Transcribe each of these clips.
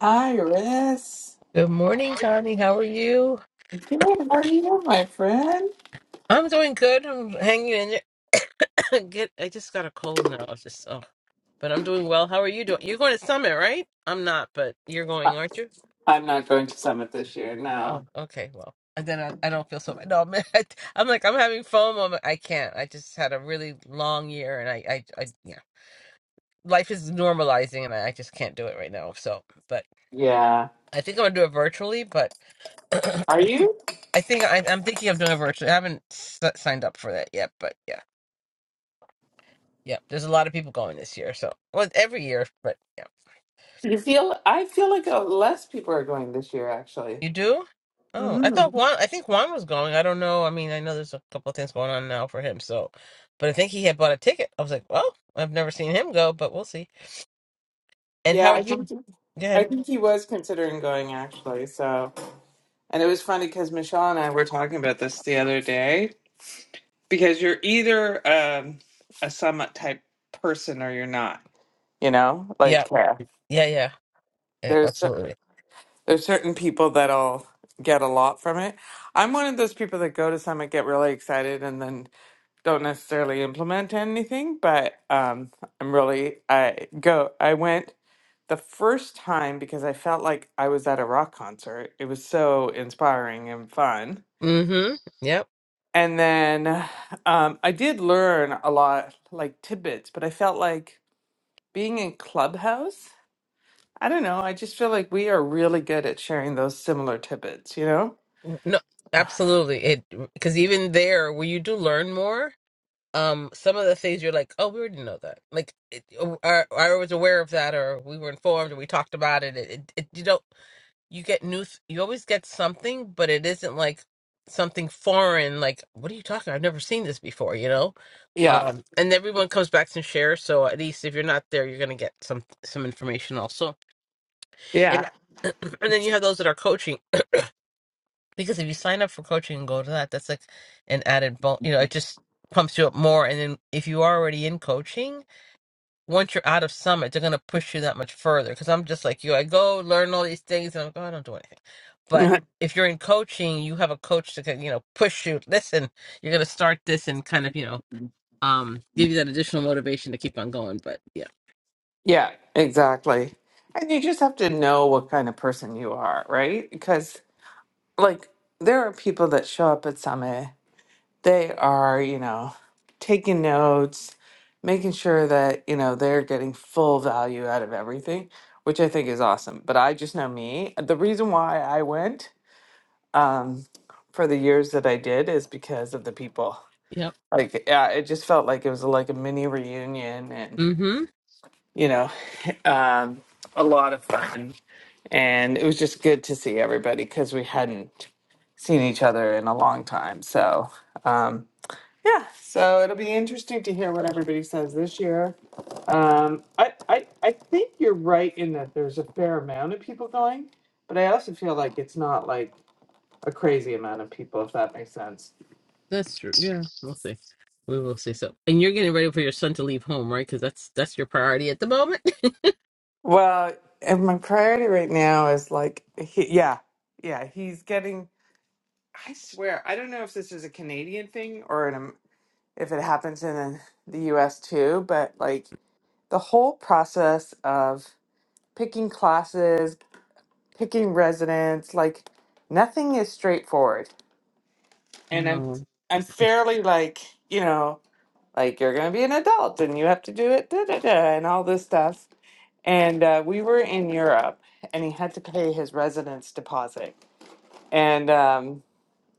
Iris, Good morning, Connie. How are you? good. How are you, my friend? I'm doing good. I'm hanging in there. Get, I just got a cold now. It's just oh, but I'm doing well. How are you doing? You're going to Summit, right? I'm not, but you're I- going, aren't you? I'm not going to summit this year. Oh, No. okay. Well, and then I, I don't feel so bad. No, I'm, I'm like I'm having FOMO. I'm- I can't. I just had a really long year, and I, I, I yeah, life is normalizing, and I, I just can't do it right now. So, but Yeah. I think I'm gonna do it virtually. But Are you? I think I, I'm thinking of doing it virtually. I haven't s- signed up for that yet, but yeah. Yep, there's a lot of people going this year. So, well, every year, but yeah, You feel? I feel like uh, less people are going this year, actually. you do. Oh, I thought hmm Juan. I think Juan was going. I don't know. I mean, I know there's a couple of things going on now for him. So, but I think he had bought a ticket. I was like, well, I've never seen him go, but we'll see. And how Yeah, are I you? think. he- Go I ahead. think he was considering going actually. So, and it was funny because Michelle and I were talking about this the other day because you're either um, a summit type person or you're not. You know, Yeah, like yeah. yeah, yeah, yeah absolutely. There's certain people that'll get a lot from it. I'm one of those people that go to summit, get really excited, and then don't necessarily implement anything. But um, I'm really I go. I went the first time because I felt like I was at a rock concert. It was so inspiring and fun. Mm-hmm. Yep. And then um, I did learn a lot, like tidbits. But I felt like being in Clubhouse. I don't know. I just feel like we are really good at sharing those similar tidbits. You know. No, absolutely. It because even there, where you do learn more um some of the things you're like oh we already know that like it, or, i was aware of that or we were informed or we talked about it it, it, it you don't you get news you always get something but it isn't like something foreign like what are you talking i've never seen this before you know Yeah. um and everyone comes back and shares so at least if you're not there you're gonna get some some information also and Yeah. and then you have those that are coaching because if you sign up for coaching and go to that that's like an added bon- you know it just pumps you up more and then if you are already in coaching once you're out of summit, they're gonna push you that much further. Because I'm just like you, I go learn all these things, and I'm like, oh, I don't do anything. But if you're in coaching, you have a coach to you know push you. Listen, you're gonna start this and kind of you know um give you that additional motivation to keep on going. But yeah, yeah, exactly. And you just have to know what kind of person you are, right? Because, like, there are people that show up at Summit, they are, you know, taking notes, making sure that, you know, they're getting full value out of everything, which I think is awesome. But I just know me. The reason why I went um, for the years that I did is because of the people. yep, Like, yeah, it just felt like it was like a mini reunion and mm-hmm, you know, um, a lot of fun. And it was just good to see everybody because we hadn't seen each other in a long time. So, um, yeah, so it'll be interesting to hear what everybody says this year. Um, I, I, I think you're right in that there's a fair amount of people going, but I also feel like it's not like a crazy amount of people, if that makes sense. that's true. Yeah, we'll see. We will see. So, and you're getting ready for your son to leave home, right? Because that's that's your priority at the moment. Well, and my priority right now is like, he, yeah, yeah, he's getting I swear, I don't know if this is a Canadian thing or an, Am- if it happens in the US too, but like the whole process of picking classes, picking residents, like nothing is straightforward. And I'm No, I'm fairly like, you know, like you're going to be an adult and you have to do it da da da and all this stuff. And uh, we were in Europe and he had to pay his residence deposit. And um.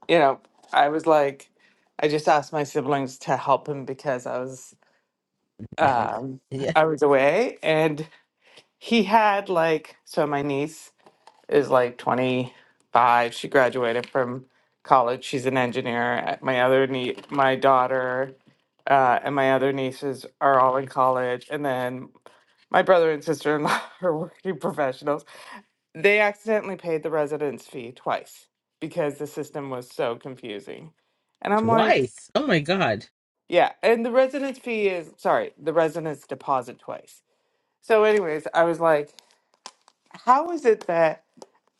you know, I was like, I just asked my siblings to help him because I was never. um Yeah, I was away and he had like so my niece is like 25. She graduated from college. She's an engineer. Uh, My other nie my daughter uh, and my other nieces are all in college and then my brother and sister-in-law are working professionals they accidentally paid the residence fee twice because the system was so confusing. And I'm like, twice. Oh my God. yeah. And the residence fee is, sorry, the residence deposit twice. So, anyways, I was like, how is it that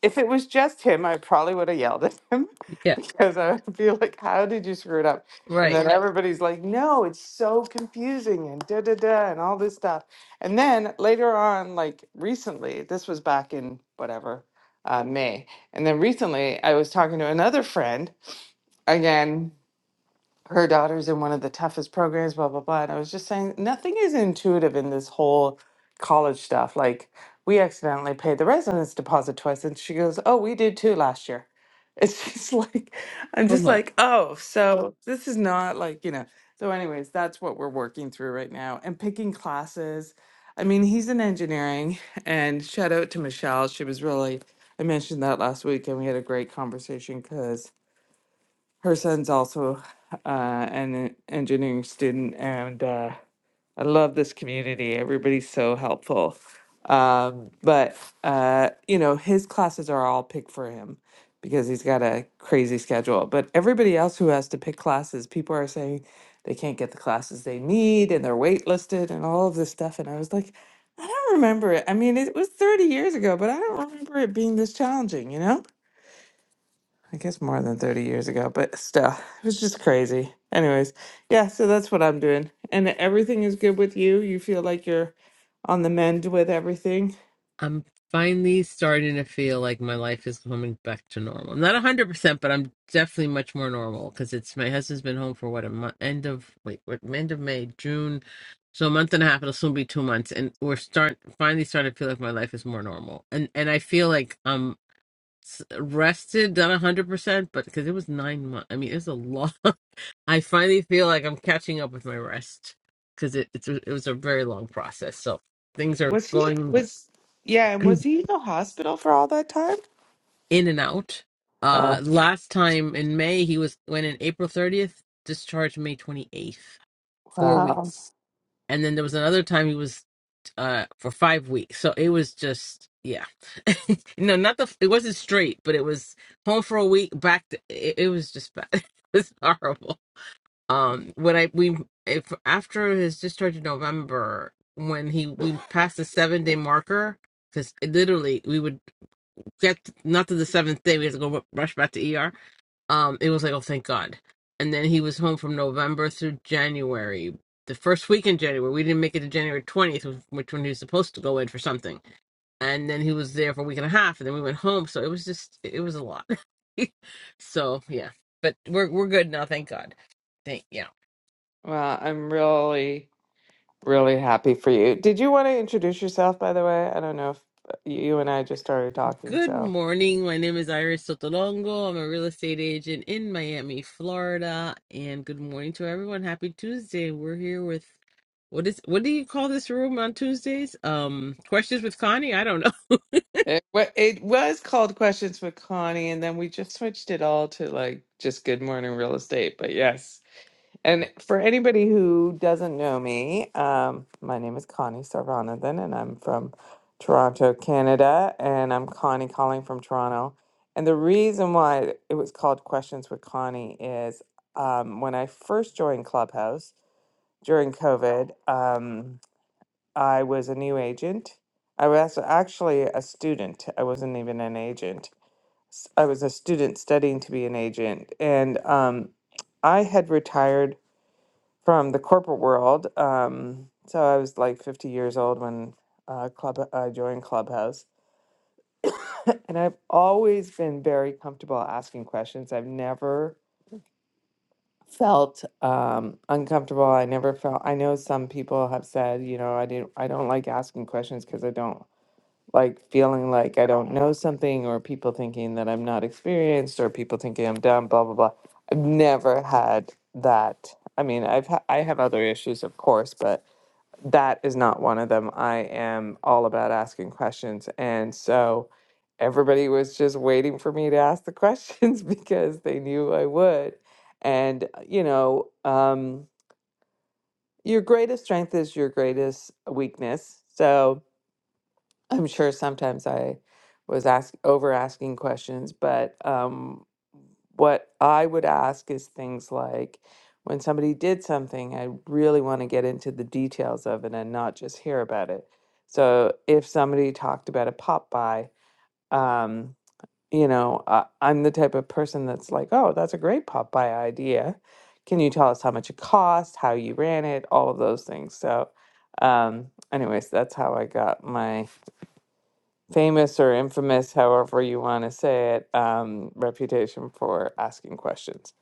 if it was just him, I probably would have yelled at him Yeah, because I would be like, How did you screw it up? And right. then Right. everybody's like, No, it's so confusing and da da da and all this stuff. And then later on, like recently, this was back in whatever, uh, May. And then recently, I was talking to another friend again her daughter's in one of the toughest programs, blah, blah, blah. And I was just saying, nothing is intuitive in this whole college stuff. Like, we accidentally paid the residence deposit twice. And she goes, Oh, we did too last year. It's just like, I'm Oh just my. like, Oh, so this is not like, you know. So, anyways, that's what we're working through right now and picking classes. I mean, he's in engineering, and shout out to Michelle. She was really, I mentioned that last week, and we had a great conversation because her son's also uh, an engineering student, and uh, I love this community. Everybody's so helpful. Um, but uh, you know, his classes are all picked for him because he's got a crazy schedule. But everybody else who has to pick classes, people are saying they can't get the classes they need, and they're waitlisted, and all of this stuff. And I was like, I don't remember it. I mean, it was 30 years ago, but I don't remember it being this challenging, you know? I guess more than 30 years ago, but still, it was just crazy. Anyways, yeah, so that's what I'm doing. And everything is good with you. You feel like you're on the mend with everything. I'm finally starting to feel like my life is coming back to normal. I'm not 100%, but I'm definitely much more normal because it's my husband's been home for what a month, end of wait, what end of May, June. So a month and a half, it'll soon be two months, and we're start finally starting to feel like my life is more normal, and and I feel like I'm s- rested, not a hundred percent, but because it was nine months, I mean it was a long. I finally feel like I'm catching up with my rest because it it's, a- it was a very long process. So things are Was he, going was, yeah, and was he in the hospital for all that time? in and out. Uh, Oh, last time in May, he was went in April 30th, discharged May 28th, four wow. weeks, and then there was another time he was uh for five weeks. So it was just yeah, no, not the it wasn't straight, but it was home for a week, back. To, it, it was just bad. It was horrible. Um, when I we if after his discharge in November, when he we passed the seven day marker, because literally we would got not to the seventh day. We had to go ru- rush back to ER. Um, it was like, oh, thank God. And then he was home from November through January. The first week in January, we didn't make it to January 20th, which which when he was supposed to go in for something. And then he was there for a week and a half, and then we went home. So it was just, it was a lot. so yeah, but we're we're good now, thank God. Thank yeah. Well, I'm really, really happy for you. Did you want to introduce yourself, by the way? I don't know if you and I just started talking, Good so morning. My name is Iris Sotolongo. I'm a real estate agent in Miami, Florida. And good morning to everyone. Happy Tuesday. We're here with what is what do you call this room on Tuesdays? Um, questions with Connie? I don't know. it, wa- it was called Questions with Connie, and then we just switched it all to like just Good Morning Real Estate. But yes. And for anybody who doesn't know me, um, my name is Connie Sarvanathan, and I'm from Toronto, Canada. And I'm Connie calling from Toronto. And the reason why it was called Questions with Connie is um, when I first joined Clubhouse during COVID, um, I was a new agent. I was actually a student, I wasn't even an agent. S- I was a student studying to be an agent. And um, I had retired from the corporate world. Um, so I was like 50 years old when uh, club I joined Clubhouse, and I've always been very comfortable asking questions. I've never felt um, uncomfortable. I never felt. I know some people have said, you know, I didn't. I don't like asking questions because I don't like feeling like I don't know something, or people thinking that I'm not experienced, or people thinking I'm dumb. Blah blah blah. I've never had that. I mean, I've ha- I have other issues, of course, but that is not one of them. I am all about asking questions. And so everybody was just waiting for me to ask the questions because they knew I would. And, uh, you know, um, your greatest strength is your greatest weakness. So, I'm sure sometimes I was ask over asking questions, but um, what I would ask is things like when somebody did something, I really want to get into the details of it and not just hear about it. So if somebody talked about a pop by, um, you know, I, I'm the type of person that's like, oh, that's a great pop by idea. Can you tell us how much it cost, how you ran it, all of those things? So, um, anyways, that's how I got my famous or infamous, however you want to say it, um, reputation for asking questions.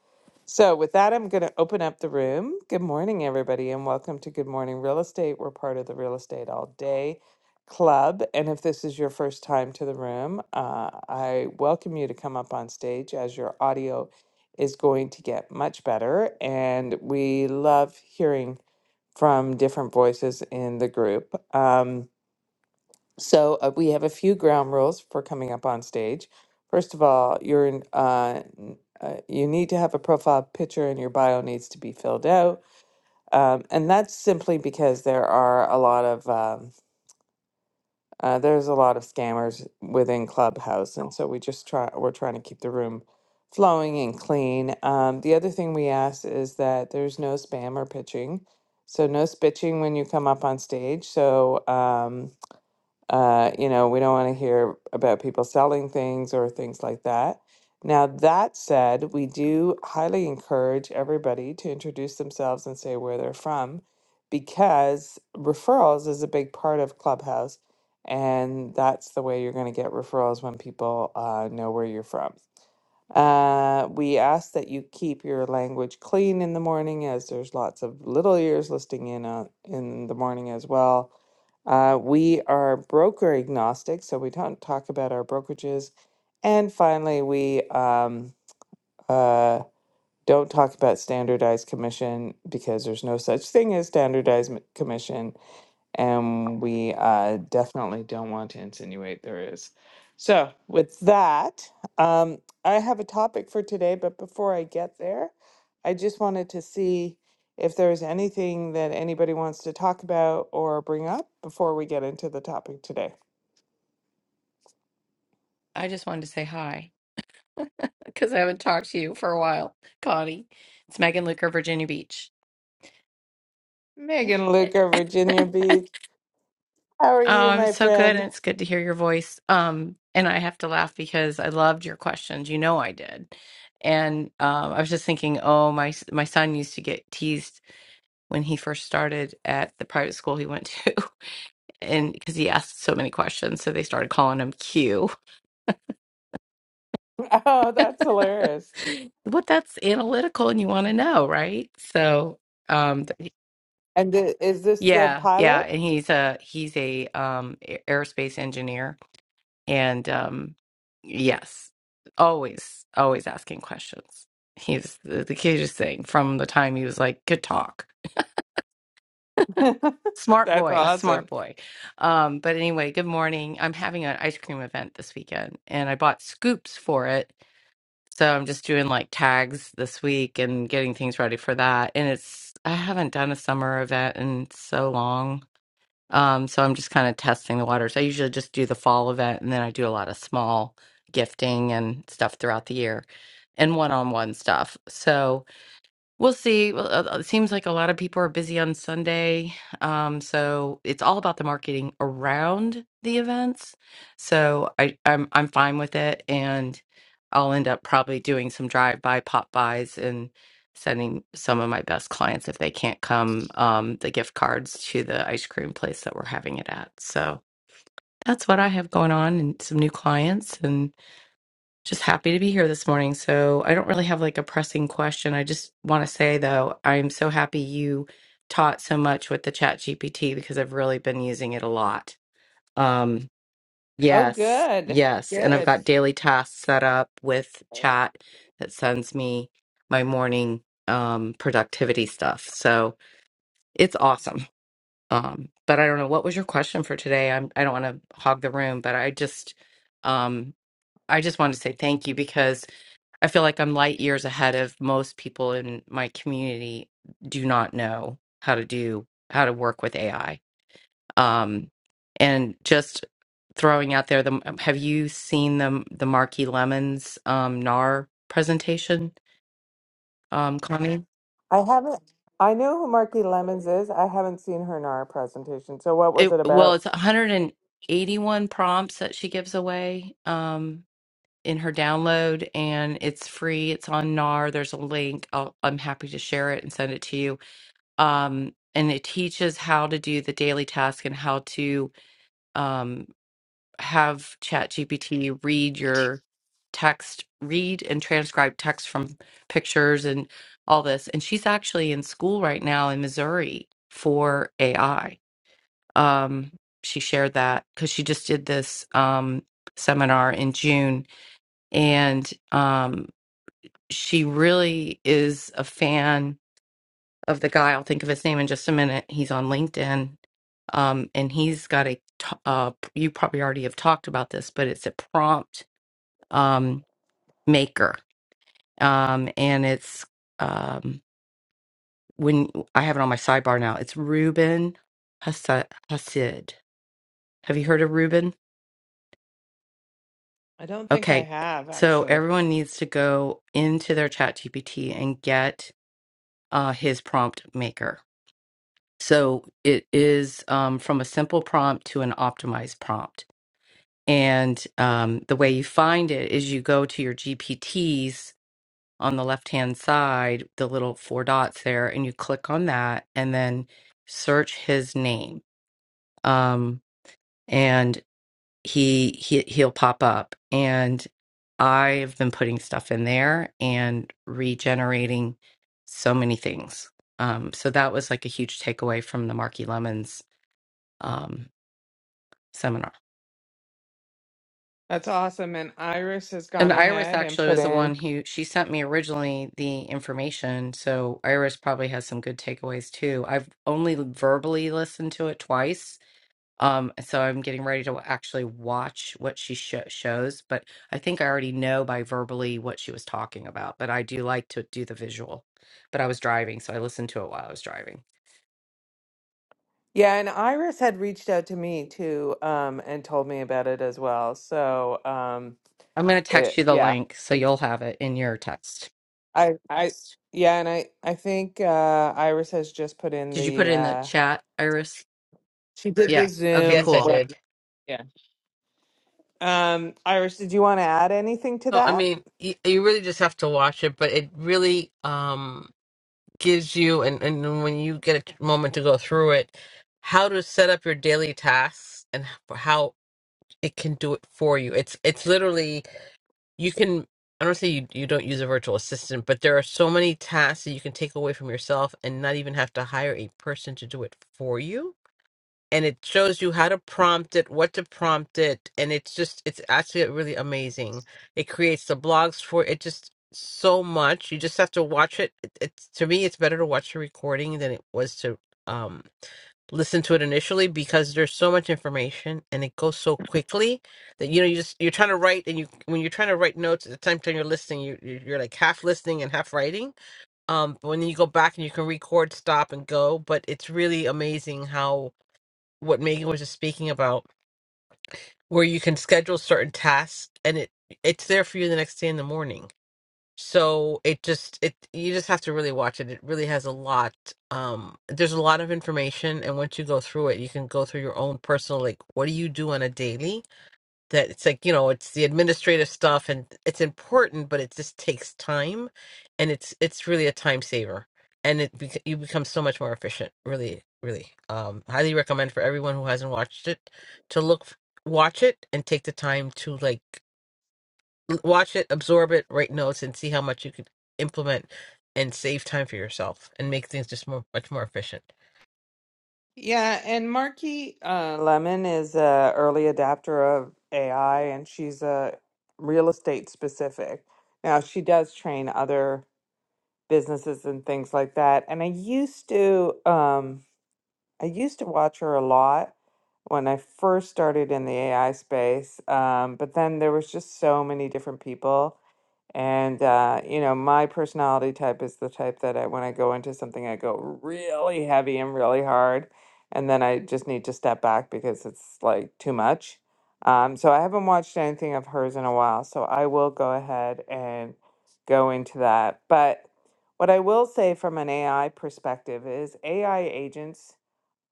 So, with that, I'm going to open up the room. Good morning, everybody, and welcome to Good Morning Real Estate. We're part of the Real Estate All Day Club. And if this is your first time to the room, uh, I welcome you to come up on stage as your audio is going to get much better. And we love hearing from different voices in the group. Um, so uh, we have a few ground rules for coming up on stage. First of all, you're in, uh, n- uh, you need to have a profile picture, and your bio needs to be filled out. Um, and that's simply because there are a lot of um, uh, there's a lot of scammers within Clubhouse, and so we just try we're trying to keep the room flowing and clean. Um, the other thing we ask is that there's no spam or pitching, so no spitching when you come up on stage. So. Um, uh, you know, we don't want to hear about people selling things or things like that. Now, that said, we do highly encourage everybody to introduce themselves and say where they're from because referrals is a big part of Clubhouse. And that's the way you're going to get referrals when people uh, know where you're from. Uh, we ask that you keep your language clean in the morning as there's lots of little ears listening in on, in the morning as well. Uh, we are broker agnostic, so we don't talk about our brokerages. And finally, we um, uh, don't talk about standardized commission because there's no such thing as standardized m- commission and we uh, definitely don't want to insinuate there is. So, with that, um, I have a topic for today, but before I get there, I just wanted to see if there's anything that anybody wants to talk about or bring up before we get into the topic today. I just wanted to say hi because I haven't talked to you for a while, Connie. It's Megan Luker, Virginia Beach. Yep. Megan Luca, Virginia Beach. How are Oh, you, I'm my so good, friend? and it's good to hear your voice. Um, and I have to laugh because I loved your questions. You know I did, and um, I was just thinking, oh, my s- my son used to get teased when he first started at the private school he went to, and because he asked so many questions, so they started calling him Q. Oh, that's hilarious. But that's analytical, and you want to know, right? So. Um, And th- is this the Yeah, yeah, pilot? and he's a he's a um a- aerospace engineer and um yes, always always asking questions. He's the, the cutest thing from the time he was like good talk. Smart that's boy, awesome. smart boy. Um but anyway, good morning. I'm having an ice cream event this weekend and I bought scoops for it. So I'm just doing like tags this week and getting things ready for that. And it's I haven't done a summer event in so long Um, so I'm just kind of testing the waters. I usually just do the fall event and then I do a lot of small gifting and stuff throughout the year and one on one stuff. So We'll see. Well, uh, uh, It seems like a lot of people are busy on Sunday. Um, so it's all about the marketing around the events. So I, I'm I'm fine with it and I'll end up probably doing some drive-by pop buys and sending some of my best clients if they can't come um, the gift cards to the ice cream place that we're having it at. So that's what I have going on and some new clients just happy to be here this morning. So, I don't really have like a pressing question. I just want to say though, I'm so happy you taught so much with the Chat GPT because I've really been using it a lot. Um, Oh, yes, good. yes. And I've Good. got daily tasks set up with Chat that sends me my morning um productivity stuff. So, it's awesome. Um, but I don't know what was your question for today. I'm I don't want to hog the room, but I just um I just wanted to say thank you because. I feel like I'm light years ahead of most people in my community do not know how to do how to work with AI. Um, and just throwing out there, the, um, have you seen the the Marquee Lemons um, NAR presentation, um, Connie? I haven't. I know who Marky Lemons is. I haven't seen her in our presentation. So what was It, it well, about? it's 181 prompts that she gives away um, in her download, and it's free. It's on NAR. There's a link. I'll, I'm happy to share it and send it to you um, and it teaches how to do the daily task and how to um, have ChatGPT read your text, read and transcribe text from pictures and all this. And she's actually in school right now in Missouri for AI. Um, she shared that because she just did this um, seminar in June, and um, she really is a fan of the guy. I'll think of his name in just a minute. He's on LinkedIn, um, and he's got a. t- Uh, you probably already have talked about this, but it's a prompt um, maker, um, and it's um, when I have it on my sidebar now. It's Ruben Hassid. Hassid. Have you heard of Ruben? I don't think I Okay, have so actually. everyone needs to go into their Chat GPT and get uh, his prompt maker. So it is um, from a simple prompt to an optimized prompt And um, the way you find it is you go to your GPTs on the left hand side, the little four dots there, and you click on that and then search his name. Um, and he, he he'll pop up. And I've been putting stuff in there and regenerating so many things. Um, so that was like a huge takeaway from the Marky Lemons um, seminar. That's awesome. And Iris has And gone Iris ahead and actually put was the in. one who she sent me originally the information. So Iris probably has some good takeaways too. I've only verbally listened to it twice. Um, so I'm getting ready to actually watch what she sho shows, but I think I already know by verbally what she was talking about. But I do like to do the visual. But I was driving, so I listened to it while I was driving. Yeah, and Iris had reached out to me too, um, and told me about it as well. So, um, I'm going to text it you the yeah, link so you'll have it in your text. I I yeah, and I I think uh, Iris has just put in Did you put the it in the uh, chat, Iris? she did the Yeah. Okay, Zoom Yes, I cool. did. webinar. Yeah. Um, Iris, did you want to add anything to No, I that? mean, you, you really just have to watch it, but it really um gives you and and then when you get a t- moment to go through it, how to set up your daily tasks and h- how it can do it for you. It's it's literally you can I don't say you you don't use a virtual assistant, but there are so many tasks that you can take away from yourself and not even have to hire a person to do it for you. And it shows you how to prompt it, what to prompt it, and it's just it's actually really amazing. It creates the blogs for it just so much. You just have to watch it. it it's to me it's better to watch the recording than it was to um listen to it initially because there's so much information and it goes so quickly that you know you just you're trying to write and you when you're trying to write notes at the time time you're listening you you- you're like half listening and half writing um but when you go back and you can record stop and go but it's really amazing how what Megan was just speaking about where you can schedule certain tasks and it it's there for you the next day in the morning so it just it you just have to really watch it it really has a lot um there's a lot of information and once you go through it you can go through your own personal like what do you do on a daily that it's like you know it's the administrative stuff and it's important but it just takes time and it's it's really a time saver and it bec- you become so much more efficient really really um highly recommend for everyone who hasn't watched it to look f- watch it and take the time to like watch it, absorb it, write notes, and see how much you could implement and save time for yourself and make things just more much more efficient. Yeah, and Marky uh, Lemon is a early adapter of AI, and she's a real estate specific. Now she does train other businesses and things like that. And I used to, um, I used to watch her a lot when I first started in the AI space. Um, but then there was just so many different people and uh, you know, my personality type is the type that I, when I go into something, I go really heavy and really hard, and then I just need to step back because it's like too much. Um, so I haven't watched anything of hers in a while, so I will go ahead and go into that. But what I will say from an AI perspective is AI agents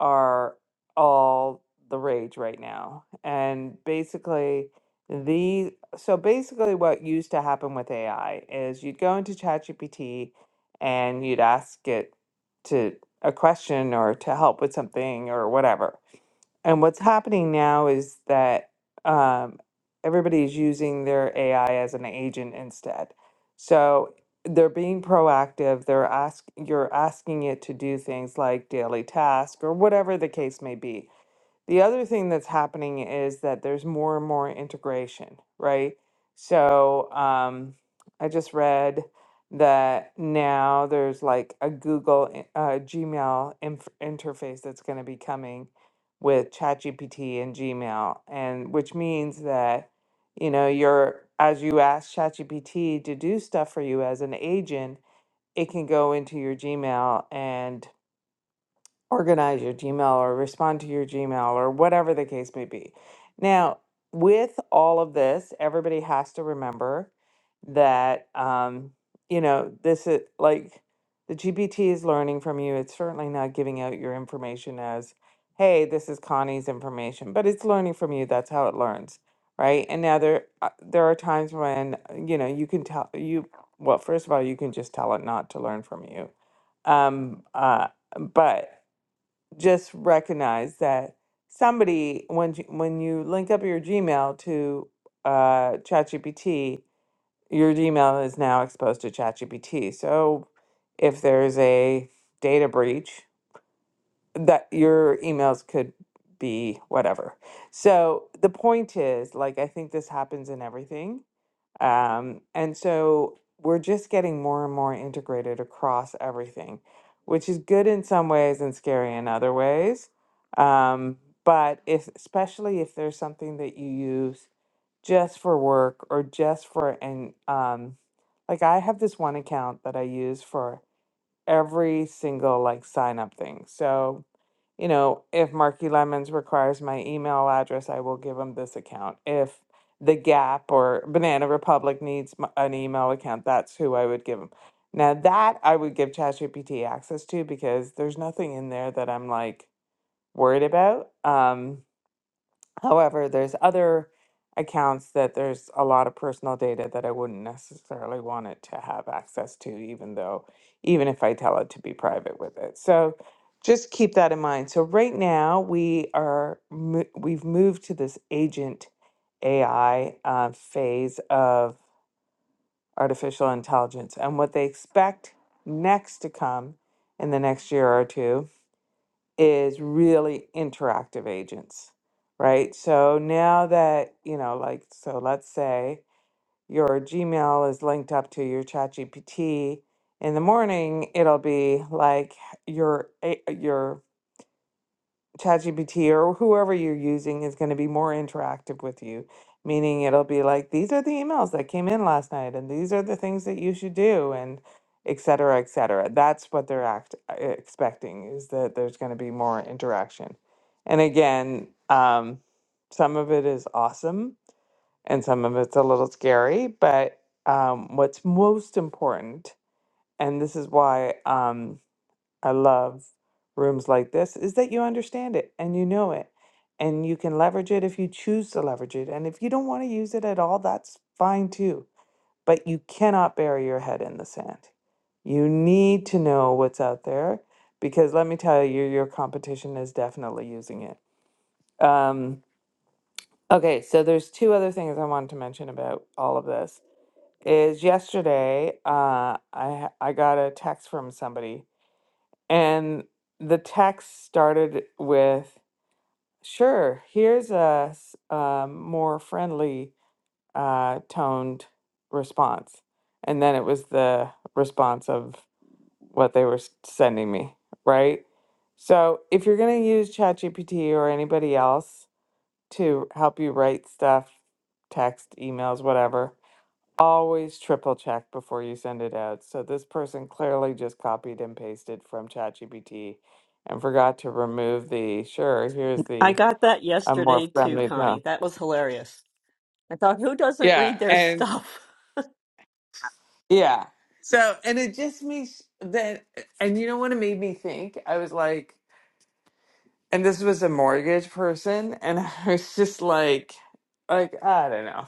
are all the rage right now. And basically, the so basically, what used to happen with AI is you'd go into ChatGPT and you'd ask it to a question or to help with something or whatever. And what's happening now is that um, everybody's using their AI as an agent instead. So they're being proactive. They're ask you're asking it to do things like daily task or whatever the case may be. The other thing that's happening is that there's more and more integration, right? So um, I just read that now there's like a Google in- uh, Gmail inf- interface that's going to be coming with ChatGPT and Gmail, and which means that you know you're as you ask ChatGPT to do stuff for you as an agent, it can go into your Gmail and organize your Gmail or respond to your Gmail or whatever the case may be. Now, with all of this, everybody has to remember that, um, you know, this is like the GPT is learning from you. It's certainly not giving out your information as, hey, this is Connie's information, but it's learning from you. That's how it learns. Right. And now there, uh, there are times when, uh, you know, you can tell you, well, first of all, you can just tell it not to learn from you. Um, uh, but just recognize that somebody when you- when you link up your Gmail to uh, ChatGPT, your Gmail is now exposed to ChatGPT. So if there's a data breach, that your emails could be whatever. So the point is, like I think this happens in everything um, and so we're just getting more and more integrated across everything, which is good in some ways and scary in other ways. Um, but if, especially if there's something that you use just for work or just for, and um, like I have this one account that I use for every single like sign up thing. So you know, if Marky Lemons requires my email address, I will give them this account. If The Gap or Banana Republic needs m- an email account, that's who I would give them. Now, that I would give ChatGPT access to because there's nothing in there that I'm like worried about. Um, However, there's other accounts that there's a lot of personal data that I wouldn't necessarily want it to have access to, even though, even if I tell it to be private with it. So just keep that in mind. So right now we are, mo- we've moved to this agent AI uh, phase of artificial intelligence. And what they expect next to come in the next year or two is really interactive agents, right? So now that, you know, like, so let's say your Gmail is linked up to your ChatGPT in the morning, it'll be like your, a- your ChatGPT or whoever you're using is going to be more interactive with you, meaning it'll be like, these are the emails that came in last night, and these are the things that you should do, and et cetera, et cetera. That's what they're act- uh, expecting is that there's going to be more interaction. And again, um, some of it is awesome and some of it's a little scary, but um, what's most important, and this is why. Um, I love rooms like this is that you understand it and you know it and you can leverage it if you choose to leverage it. And if you don't want to use it at all, that's fine too. But you cannot bury your head in the sand. You need to know what's out there because let me tell you, your competition is definitely using it. Um, okay, so there's two other things I wanted to mention about all of this. Is yesterday uh, I ha- I got a text from somebody and the text started with, sure, here's a s- a more friendly uh, toned response. And then it was the response of what they were s- sending me, right? So if you're going to use ChatGPT or anybody else to help you write stuff, text, emails, whatever, Always triple check before you send it out. So this person clearly just copied and pasted from ChatGPT and forgot to remove the sure, here's I the got that a more yesterday too, friendly Connie. tone. That was hilarious. I thought, who doesn't Yeah, read their and stuff? yeah. So and it just makes that and you know what it made me think? I was like and this was a mortgage person and I was just like like I don't know.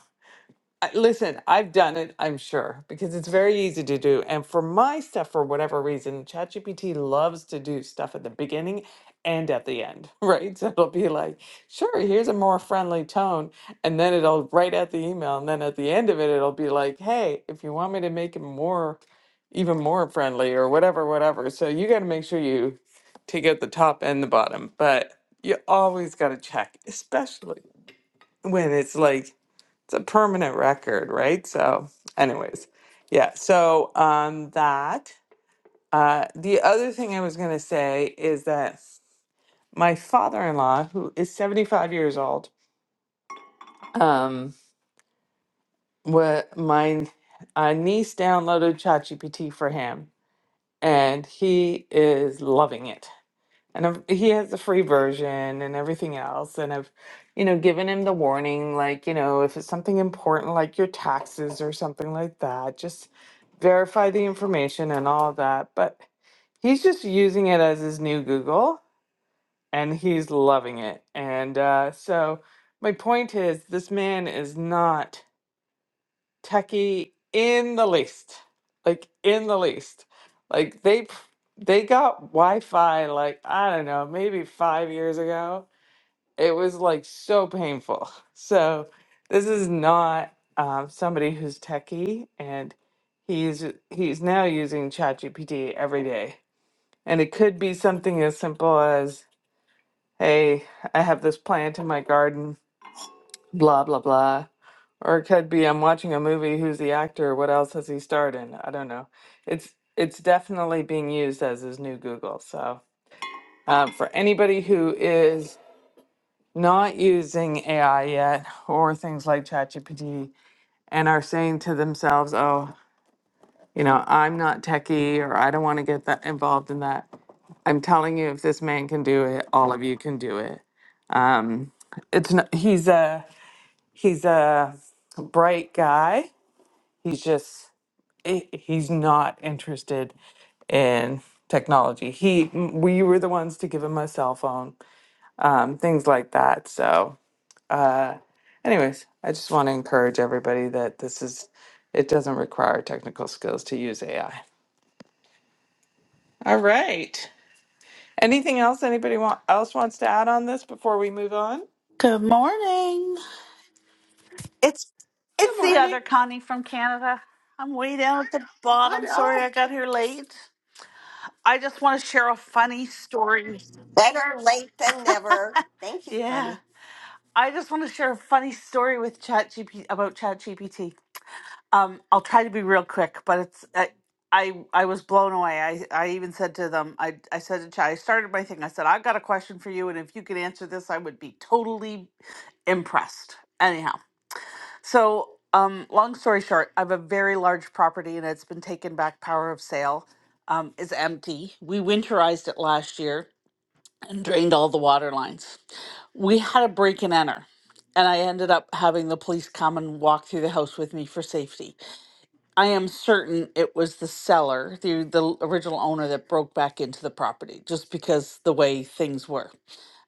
I- Listen, I've done it, I'm sure, because it's very easy to do. And for my stuff, for whatever reason, ChatGPT loves to do stuff at the beginning and at the end, right? So it'll be like, sure, here's a more friendly tone. And then it'll write out the email. And then at the end of it, it'll be like, hey, if you want me to make it more, even more friendly or whatever, whatever. So you got to make sure you take out the top and the bottom. But you always got to check, especially when it's like, it's a permanent record, right? So, anyways, yeah. So, um, that uh, the other thing I was gonna say is that my father-in-law, who is seventy-five years old, um, wa my uh, niece downloaded ChatGPT for him, and he is loving it. and I've, he has the free version and everything else and i've you know given him the warning like you know if it's something important like your taxes or something like that just verify the information and all that but he's just using it as his new google and he's loving it and uh, so my point is this man is not techie in the least like in the least like they p- they got wi-fi like i don't know maybe five years ago it was like so painful so this is not um, somebody who's techie and he's he's now using chatgpt every day and it could be something as simple as hey i have this plant in my garden blah blah blah or it could be I'm watching a movie, who's the actor, what else has he starred in? I don't know. It's it's definitely being used as his new Google. So um, for anybody who is not using AI yet or things like ChatGPT and are saying to themselves, oh, you know, I'm not techie or I don't want to get that involved in that. I'm telling you, if this man can do it, all of you can do it. It's not, he's a he's a bright guy. He's just he- he's not interested in technology. He, we were the ones to give him a cell phone, um, things like that. So, anyways, I just want to encourage everybody that this is, it doesn't require technical skills to use AI. All right. Anything else anybody want, else wants to add on this before we move on? Good morning. It's Good it's the morning. other Connie from Canada. I'm way down at the I bottom. Sorry know. I got here late. I just want to share a funny story. Better late than never. Thank you, Yeah. Connie. I just want to share a funny story with ChatGPT about ChatGPT. Um I'll try to be real quick, but it's I I, I was blown away. I, I even said to them, I, I said to Chat, I started my thing. I said, I've got a question for you, and if you could answer this, I would be totally impressed. Anyhow, So, um, long story short, I have a very large property and it's been taken back power of sale. Um, is empty. We winterized it last year and drained all the water lines. We had a break and enter, and I ended up having the police come and walk through the house with me for safety. I am certain it was the seller, the the original owner, that broke back into the property just because the way things were.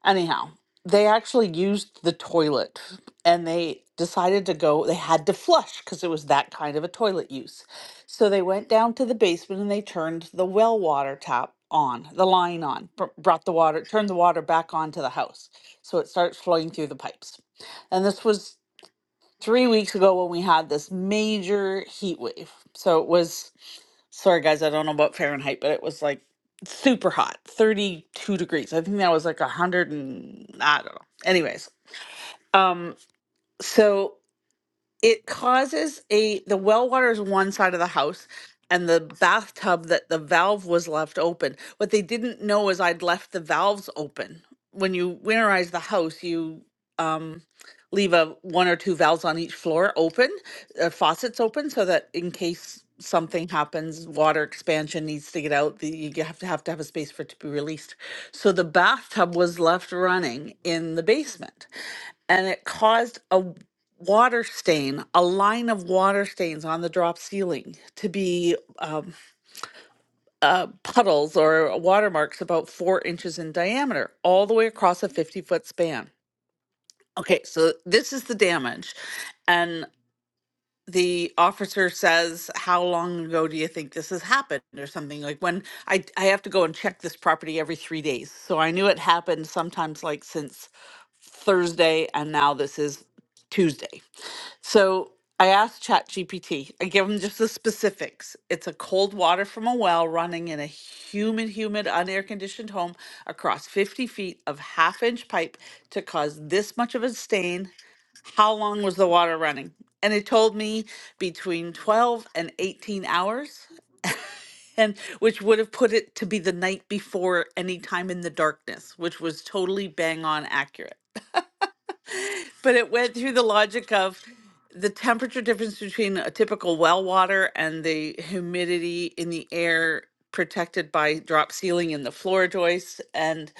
Anyhow, they actually used the toilet and they decided to go, they had to flush because it was that kind of a toilet use. So they went down to the basement and they turned the well water tap on, the line on, br- brought the water, turned the water back onto the house. So it starts flowing through the pipes. And this was three weeks ago when we had this major heat wave. So it was sorry guys, I don't know about Fahrenheit, but it was like super hot, 32 degrees. I think that was like a 100 and I don't know. Anyways, um so it causes a the well water is one side of the house and the bathtub that the valve was left open what they didn't know is i'd left the valves open when you winterize the house you um, leave a one or two valves on each floor open uh, faucets open so that in case something happens water expansion needs to get out the, you have to have to have a space for it to be released so the bathtub was left running in the basement and it caused a water stain, a line of water stains on the drop ceiling to be um, uh, puddles or watermarks about four inches in diameter, all the way across a 50 foot span. Okay, so this is the damage. And the officer says, How long ago do you think this has happened? Or something like when I, I have to go and check this property every three days. So I knew it happened sometimes like since Thursday, and now this is Tuesday. So I asked ChatGPT. I give him just the specifics. It's a cold water from a well running in a humid, humid, unair conditioned home across 50 feet of half inch pipe to cause this much of a stain. How long was the water running? And it told me between 12 and 18 hours. And which would have put it to be the night before any time in the darkness, which was totally bang on accurate but it went through the logic of the temperature difference between a typical well water and the humidity in the air protected by drop ceiling in the floor joists and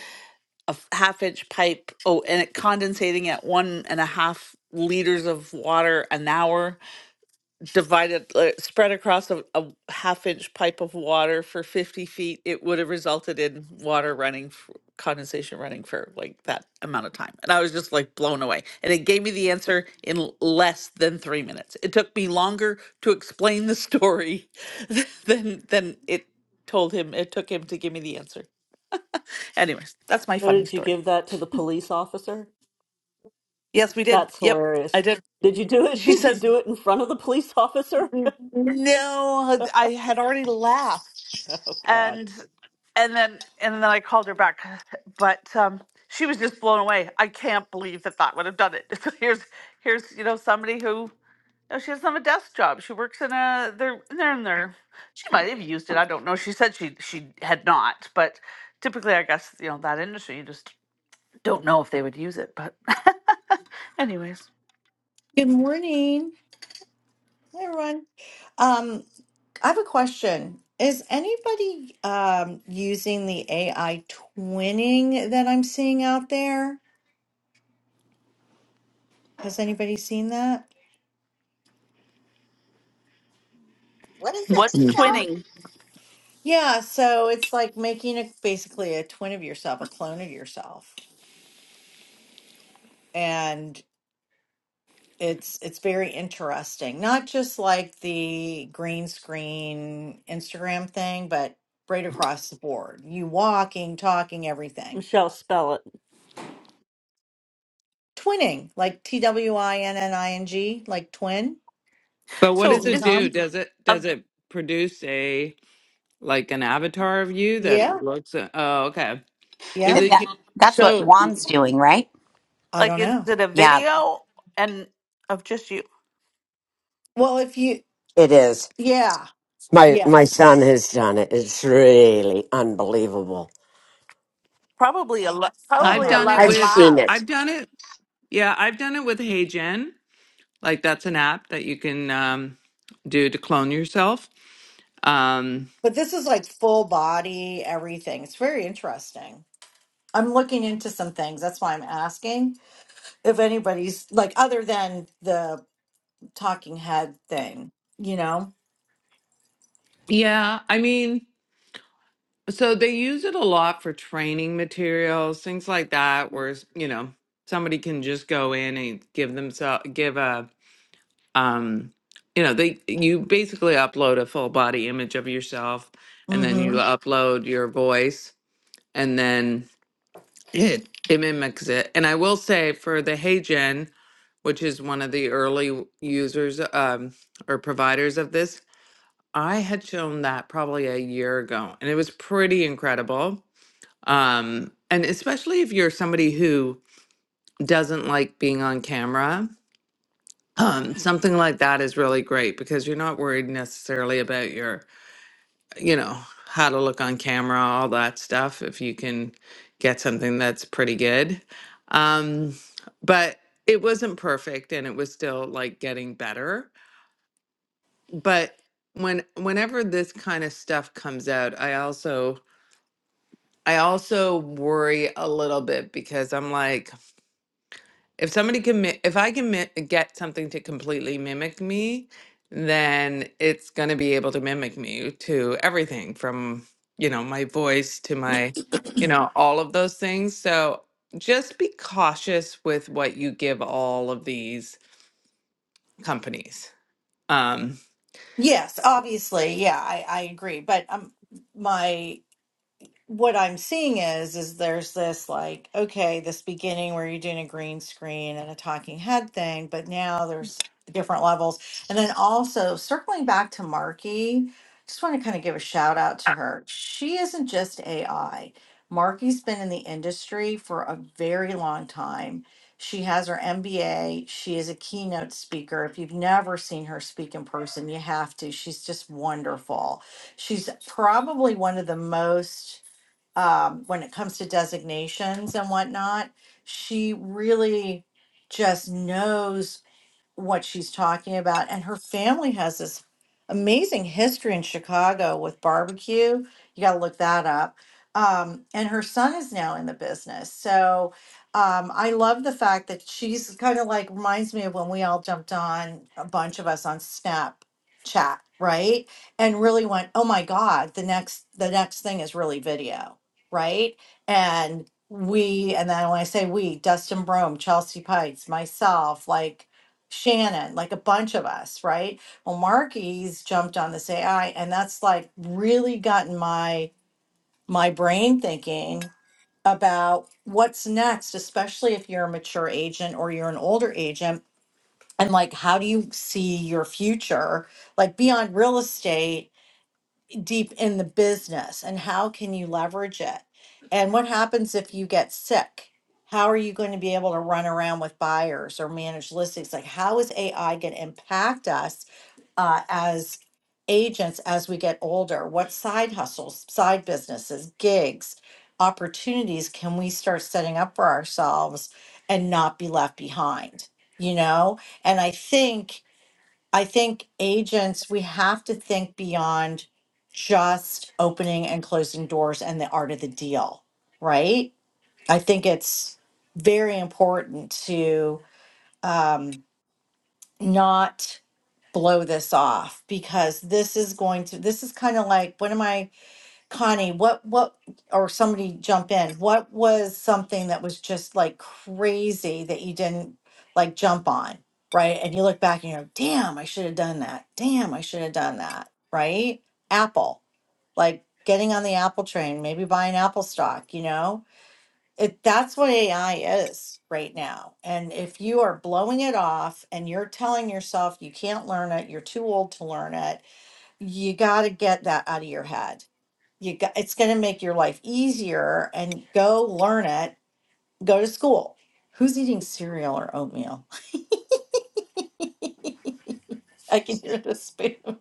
a f- half inch pipe oh and it condensating at one and a half liters of water an hour divided uh, spread across a, a half inch pipe of water for 50 feet it would have resulted in water running f condensation running for like that amount of time and i was just like blown away and it gave me the answer in l- less than three minutes it took me longer to explain the story than than it told him it took him to give me the answer anyways that's my So funny did you story give that to the police officer? yes we did That's yep i hilarious. did Did you do it? she Did you says do it in front of the police officer? "N- no oh i had already laughed God. and and then and then I called her back, but um, she was just blown away. I can't believe that that would have done it. So here's here's you know somebody who no, she doesn't have a desk job. She works in a they're they're in there. She might have used it. I don't know. She said she she had not, but typically, I guess you know that industry. You just don't know if they would use it. But anyways, Good morning. Hi, everyone. Um, I have a question. Is anybody um, using the AI twinning that I'm seeing out there? Has anybody seen that? What is it? What's Mm. Michelle? twinning? Yeah, so it's like making a basically a twin of yourself, a clone of yourself. And it's it's very interesting. Not just like the green screen Instagram thing, but right across the board. You walking, talking, everything Michelle, spell it. Twinning, like T W I N N I N G, like twin. But what He's does so a it is do? Tom. Does it a does it produce a like an avatar of you that Yeah, looks? oh, okay. Is yeah. it That, that's what so? Juan's doing, right? I like don't is know. it a Yeah, video and of just you? Well, if you, It is. yeah, My my yes. son has done it. It's really unbelievable. Probably a Uh I've probably huh. done it I've eleven with. seen it. I've lives. done it Yeah, I've done it with HeyGen. Like that's an app that you can um, do to clone yourself. Um, But this is like full body, everything. It's very interesting. I'm looking into some things. That's why I'm asking if anybody's like, other than the talking head thing, you know? yeah, I mean, so they use it a lot for training materials, things like that, where you know somebody can just go in and give themselves give a um, you know they you basically upload a full body image of yourself, and then Mm you hmm. upload your voice, and then It it mimics it, and I will say for the HeyGen, which is one of the early users um, or providers of this, I had shown that probably a year ago, and it was pretty incredible. Um, and especially if you're somebody who doesn't like being on camera, um, something like that is really great because you're not worried necessarily about your you know, how to look on camera, all that stuff, if you can get something that's pretty good. Um, but it wasn't perfect and it was still like getting better. But when whenever this kind of stuff comes out, I also I also worry a little bit because I'm like, If somebody can, mi- if I can mi- get something to completely mimic me, then it's going to be able to mimic me to everything from, you know, my voice to my, you know, all of those things. So just be cautious with what you give all of these companies. Um, Yes, obviously. Yeah, I, I agree. But um, my what I'm seeing is is there's this like okay this beginning where you're doing a green screen and a talking head thing, but now there's different levels, and then also circling back to Marky, just want to kind of give a shout out to her. She isn't just AI. Marky's been in the industry for a very long time. She has her MBA. She is a keynote speaker. If you've never seen her speak in person, you have to. She's just wonderful. She's probably one of the most um, when it comes to designations and whatnot. She really just knows what she's talking about. And her family has this amazing history in Chicago with barbecue. You got to look that up. Um, and her son is now in the business. So um, I love the fact that she's kind of like reminds me of when we all jumped on, a bunch of us on Snapchat, right? And really went, oh my God, the next the next thing is really video, right? And we, and then when I say we, Dustin Brome, Chelsea Pites, myself, like Shannon, like a bunch of us, right? Well, Marky's jumped on this AI, and that's like really gotten my my brain thinking about what's next, especially if you're a mature agent or you're an older agent, and like how do you see your future, like beyond real estate deep in the business and how can you leverage it? And what happens if you get sick? How are you going to be able to run around with buyers or manage listings? Like, how is AI going to impact us uh, as agents as we get older? What side hustles, side businesses, gigs, opportunities can we start setting up for ourselves and not be left behind? You know, and I think I think agents, we have to think beyond just opening and closing doors and the art of the deal, right? I think it's very important to um, not blow this off because this is going to, this is kind of like, what am I? Connie, what what or somebody jump in. What was something that was just like crazy that you didn't like jump on, right? And you look back and you're like, "Damn, I should have done that. Damn, I should have done that." Right? Apple. Like getting on the Apple train, maybe buying Apple stock, you know? It that's what AI is right now. And if you are blowing it off and you're telling yourself you can't learn it, you're too old to learn it, you got to get that out of your head you got it's going to make your life easier and go learn it go to school who's eating cereal or oatmeal i can hear the spoon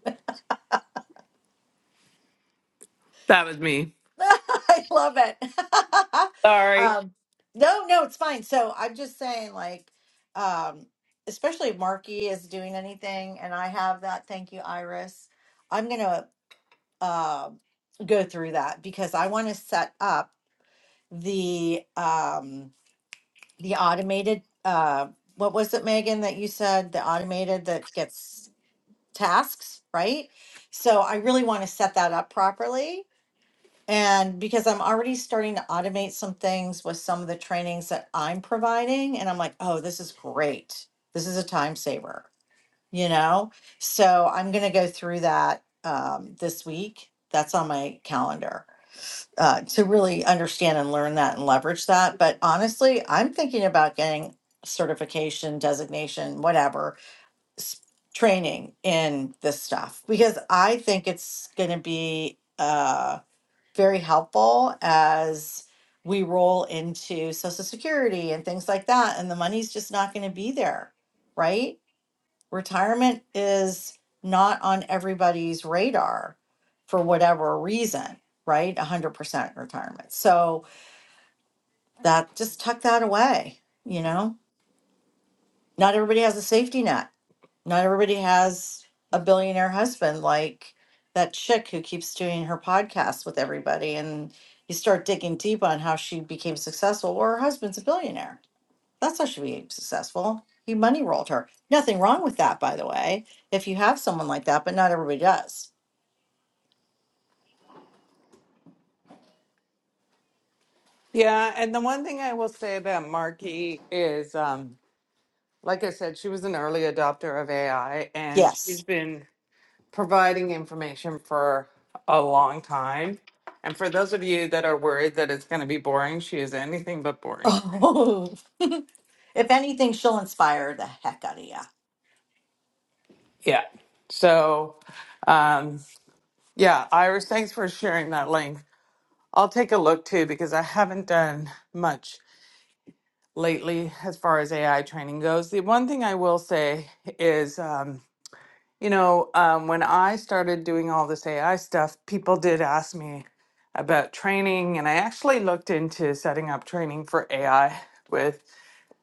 that was me. i love it Sorry. um no no it's fine so i'm just saying like um especially if marky is doing anything and i have that thank you iris i'm going to uh, go through that because i want to set up the um the automated, uh, what was it, Megan, that you said, the automated that gets tasks, right? So I really want to set that up properly. And because I'm already starting to automate some things with some of the trainings that I'm providing, and I'm like, oh, this is great. This is a time saver, you know? So I'm going to go through that um, this week. That's on my calendar uh, to really understand and learn that and leverage that. But honestly, I'm thinking about getting certification, designation, whatever, s- training in this stuff because I think it's going to be uh, very helpful as we roll into Social Security and things like that. And the money's just not going to be there, right? retirement is not on everybody's radar for whatever reason, right? 100% retirement. So that just tuck that away, you know? Not everybody has a safety net. Not everybody has a billionaire husband like that chick who keeps doing her podcast with everybody and you start digging deep on how she became successful. Well, her husband's a billionaire That's how she became successful. He money rolled her. Nothing wrong with that, by the way, if you have someone like that, but not everybody does. Yeah, and the one thing I will say about Marky is, um, like I said, she was an early adopter of AI, and she's Yes. been providing information for a long time. And for those of you that are worried that it's going to be boring, she is anything but boring. Oh, if anything, she'll inspire the heck out of you. Yeah. So, um, yeah, Iris, thanks for sharing that link. I'll take a look too because I haven't done much lately as far as AI training goes. The one thing I will say is. Um, You know, um, when I started doing all this AI stuff, people did ask me about training, and I actually looked into setting up training for AI with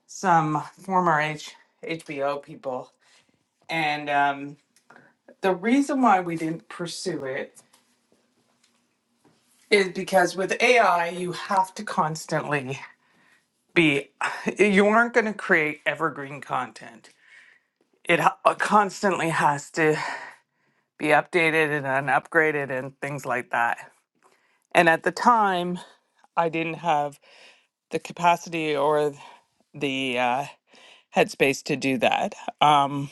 some former H- HBO people. And um, the reason why we didn't pursue it is because with AI, you have to constantly be, you aren't going to create evergreen content. It ha- constantly has to be updated and upgraded and things like that. And at the time, I didn't have the capacity or the uh, headspace to do that. Um,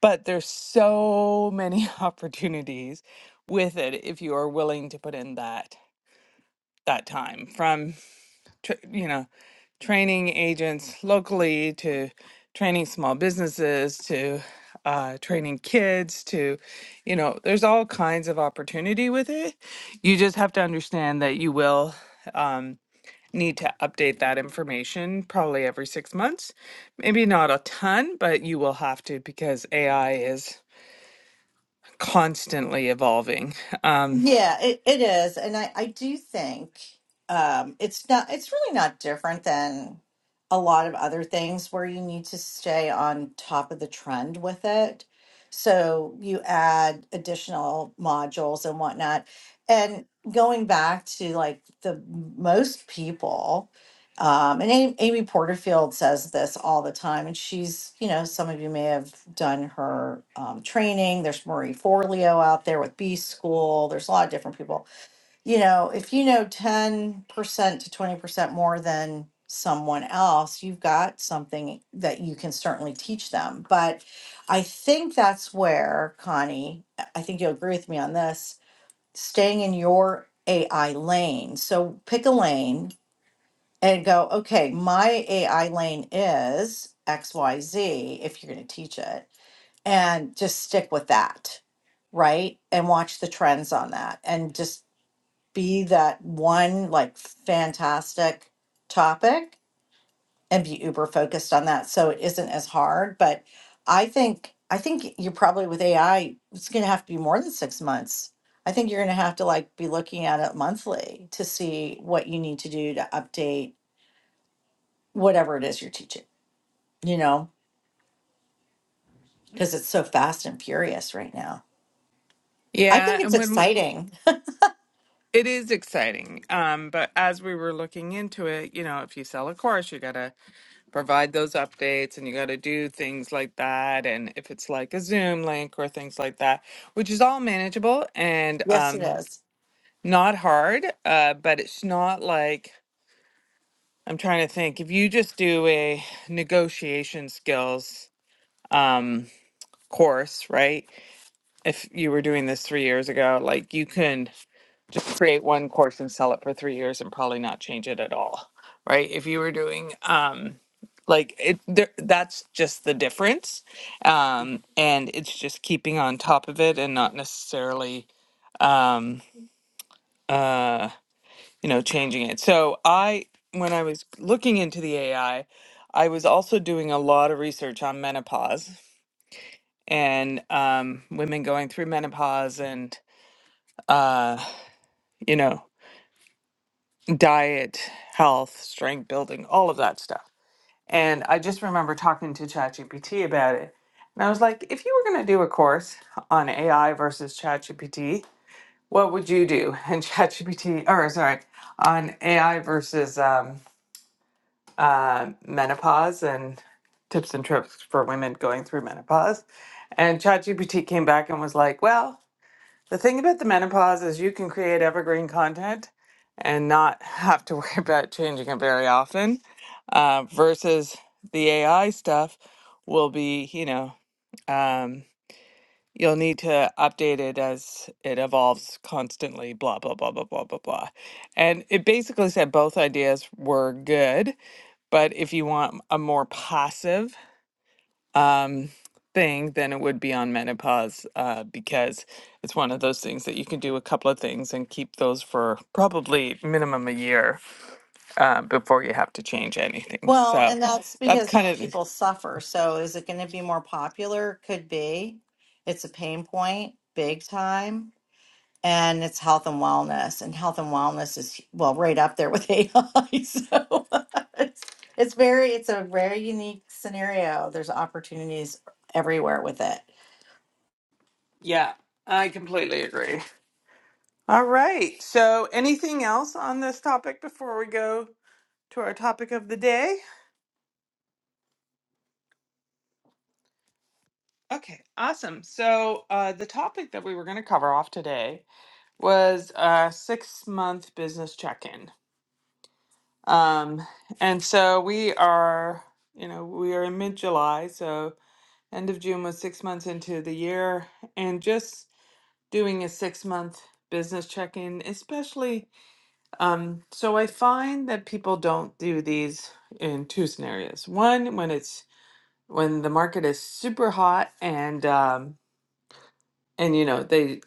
but there's so many opportunities with it if you are willing to put in that that time from tr you know training agents locally to training small businesses to uh, training kids to you know there's all kinds of opportunity with it you just have to understand that you will um, need to update that information probably every six months. Maybe not a ton, but you will have to because AI is constantly evolving. Um, Yeah, it, it is. And I, I do think um, it's not it's really not different than a lot of other things where you need to stay on top of the trend with it. So you add additional modules and whatnot. And going back to like the most people um, and Amy, Amy Porterfield says this all the time, and she's, you know, some of you may have done her um, training. There's Marie Forleo out there with B School. There's a lot of different people. You know, if you know 10% to 20% more than someone else, you've got something that you can certainly teach them. But I think that's where, Connie, I I think you'll agree with me on this, staying in your AI lane. So pick a lane and go, okay, my AI lane is XYZ if you're going to teach it, and just stick with that, right? And watch the trends on that and just be that one like fantastic topic and be uber focused on that so it isn't as hard. But I think, I think you're probably with AI, it's going to have to be more than six months. I think you're going to have to like be looking at it monthly to see what you need to do to update whatever it is you're teaching, you know, because it's so fast and furious right now. I yeah, think it's and when w- exciting. it is exciting, um, but as we were looking into it, you know, if you sell a course, you got to provide those updates and you got to do things like that. And if it's like a Zoom link or things like that, which is all manageable and Yes, it um, is. not hard, uh, but it's not like I'm trying to think. If you just do a negotiation skills um, course, right? If you were doing this three years ago, like you can just create one course and sell it for three years and probably not change it at all, right? If you were doing um, like it, there, that's just the difference, um, and it's just keeping on top of it and not necessarily um, uh, you know, changing it. So I, when I was looking into the AI, I I was also doing a lot of research on menopause and um, women going through menopause and, uh, you know, diet, health, strength building, all of that stuff. And I just remember talking to ChatGPT about it. And I was like, if you were going to do a course on AI versus ChatGPT, what would you do? And ChatGPT, or sorry, on AI versus um, uh, menopause and tips and trips for women going through menopause. And ChatGPT came back and was like, well, the thing about the menopause is you can create evergreen content and not have to worry about changing it very often uh, versus the AI stuff will be, you know, um, you'll need to update it as it evolves constantly, blah, blah, blah, blah, blah, blah, blah. And it basically said both ideas were good but if you want a more passive um, thing, then it would be on menopause uh, because it's one of those things that you can do a couple of things and keep those for probably minimum a year uh, before you have to change anything. Well, So and that's that's because kind of, people suffer. So is it going to be more popular? Could be. It's a pain point, big time. And it's health and wellness. And health and wellness is, well, right up there with AI. So it's, it's very, it's a very unique scenario. There's opportunities everywhere with it. yeah, I completely agree. All right. So anything else on this topic before we go to our topic of the day? Okay, awesome. So uh, the topic that we were going to cover off today was a six month business check in. Um, and so we are, you know, we are in mid July. So end of June was six months into the year. And just doing a six month business check in, especially. Um, so I find that people don't do these in two scenarios. One, when it's when the market is super hot and, um, and you know, they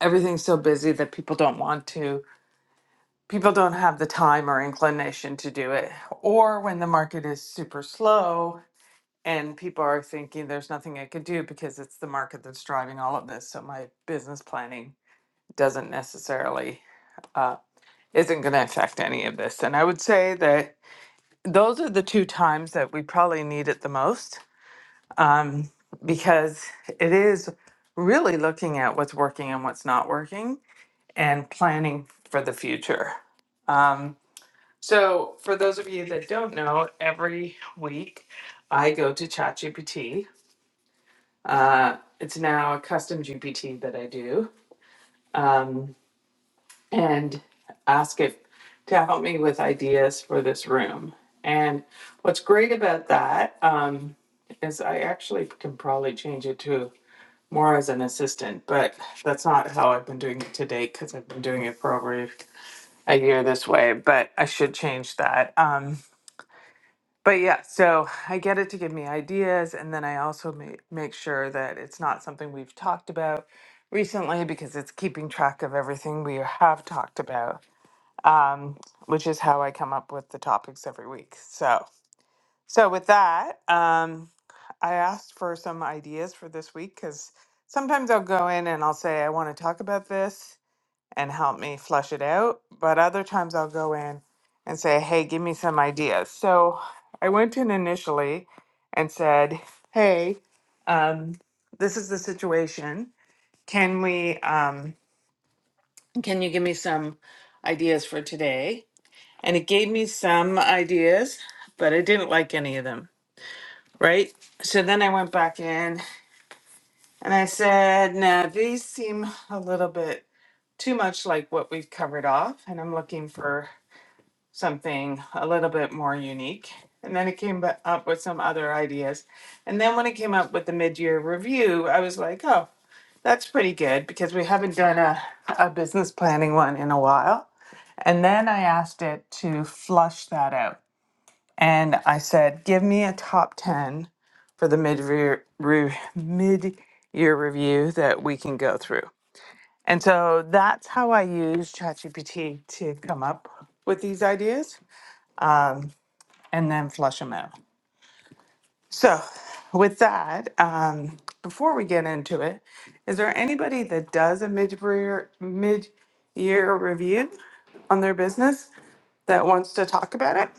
everything's so busy that people don't want to people don't have the time or inclination to do it. Or when the market is super slow and people are thinking there's nothing I could do because it's the market that's driving all of this. So my business planning doesn't necessarily, uh, isn't going to affect any of this. And I would say that those are the two times that we probably need it the most um, because it is really looking at what's working and what's not working and planning for the future. Um, so, for those of you that don't know, every week I go to ChatGPT. Uh, it's now a custom GPT that I do um, and ask it to help me with ideas for this room. And what's great about that um, is I actually can probably change it to more as an assistant, but that's not how I've been doing it to date because I've been doing it for over a year this way, but I should change that. Um, but yeah, so I get it to give me ideas, and then I also ma- make sure that it's not something we've talked about recently because it's keeping track of everything we have talked about, um, which is how I come up with the topics every week. So, so with that, um, I asked for some ideas for this week because sometimes I'll go in and I'll say I want to talk about this, and help me flush it out. But other times I'll go in and say, hey, give me some ideas. So I went in initially and said, hey, um, this is the situation. Can we, um, can you give me some ideas for today? And it gave me some ideas, but I didn't like any of them, right? So then I went back in and I said, nah, these seem a little bit too much like what we've covered off, and I'm looking for something a little bit more unique. And then it came ba- up with some other ideas. And then when it came up with the mid-year review, I was like, oh, that's pretty good because we haven't done a, a business planning one in a while. And then I asked it to flush that out. And I said, give me a top 10 for the mid-year, re, mid-year review that we can go through. And so that's how I use ChatGPT to come up with these ideas. and then flush them out. So, with that, um, before we get into it, is there anybody that does a mid-year mid-year review on their business that wants to talk about it?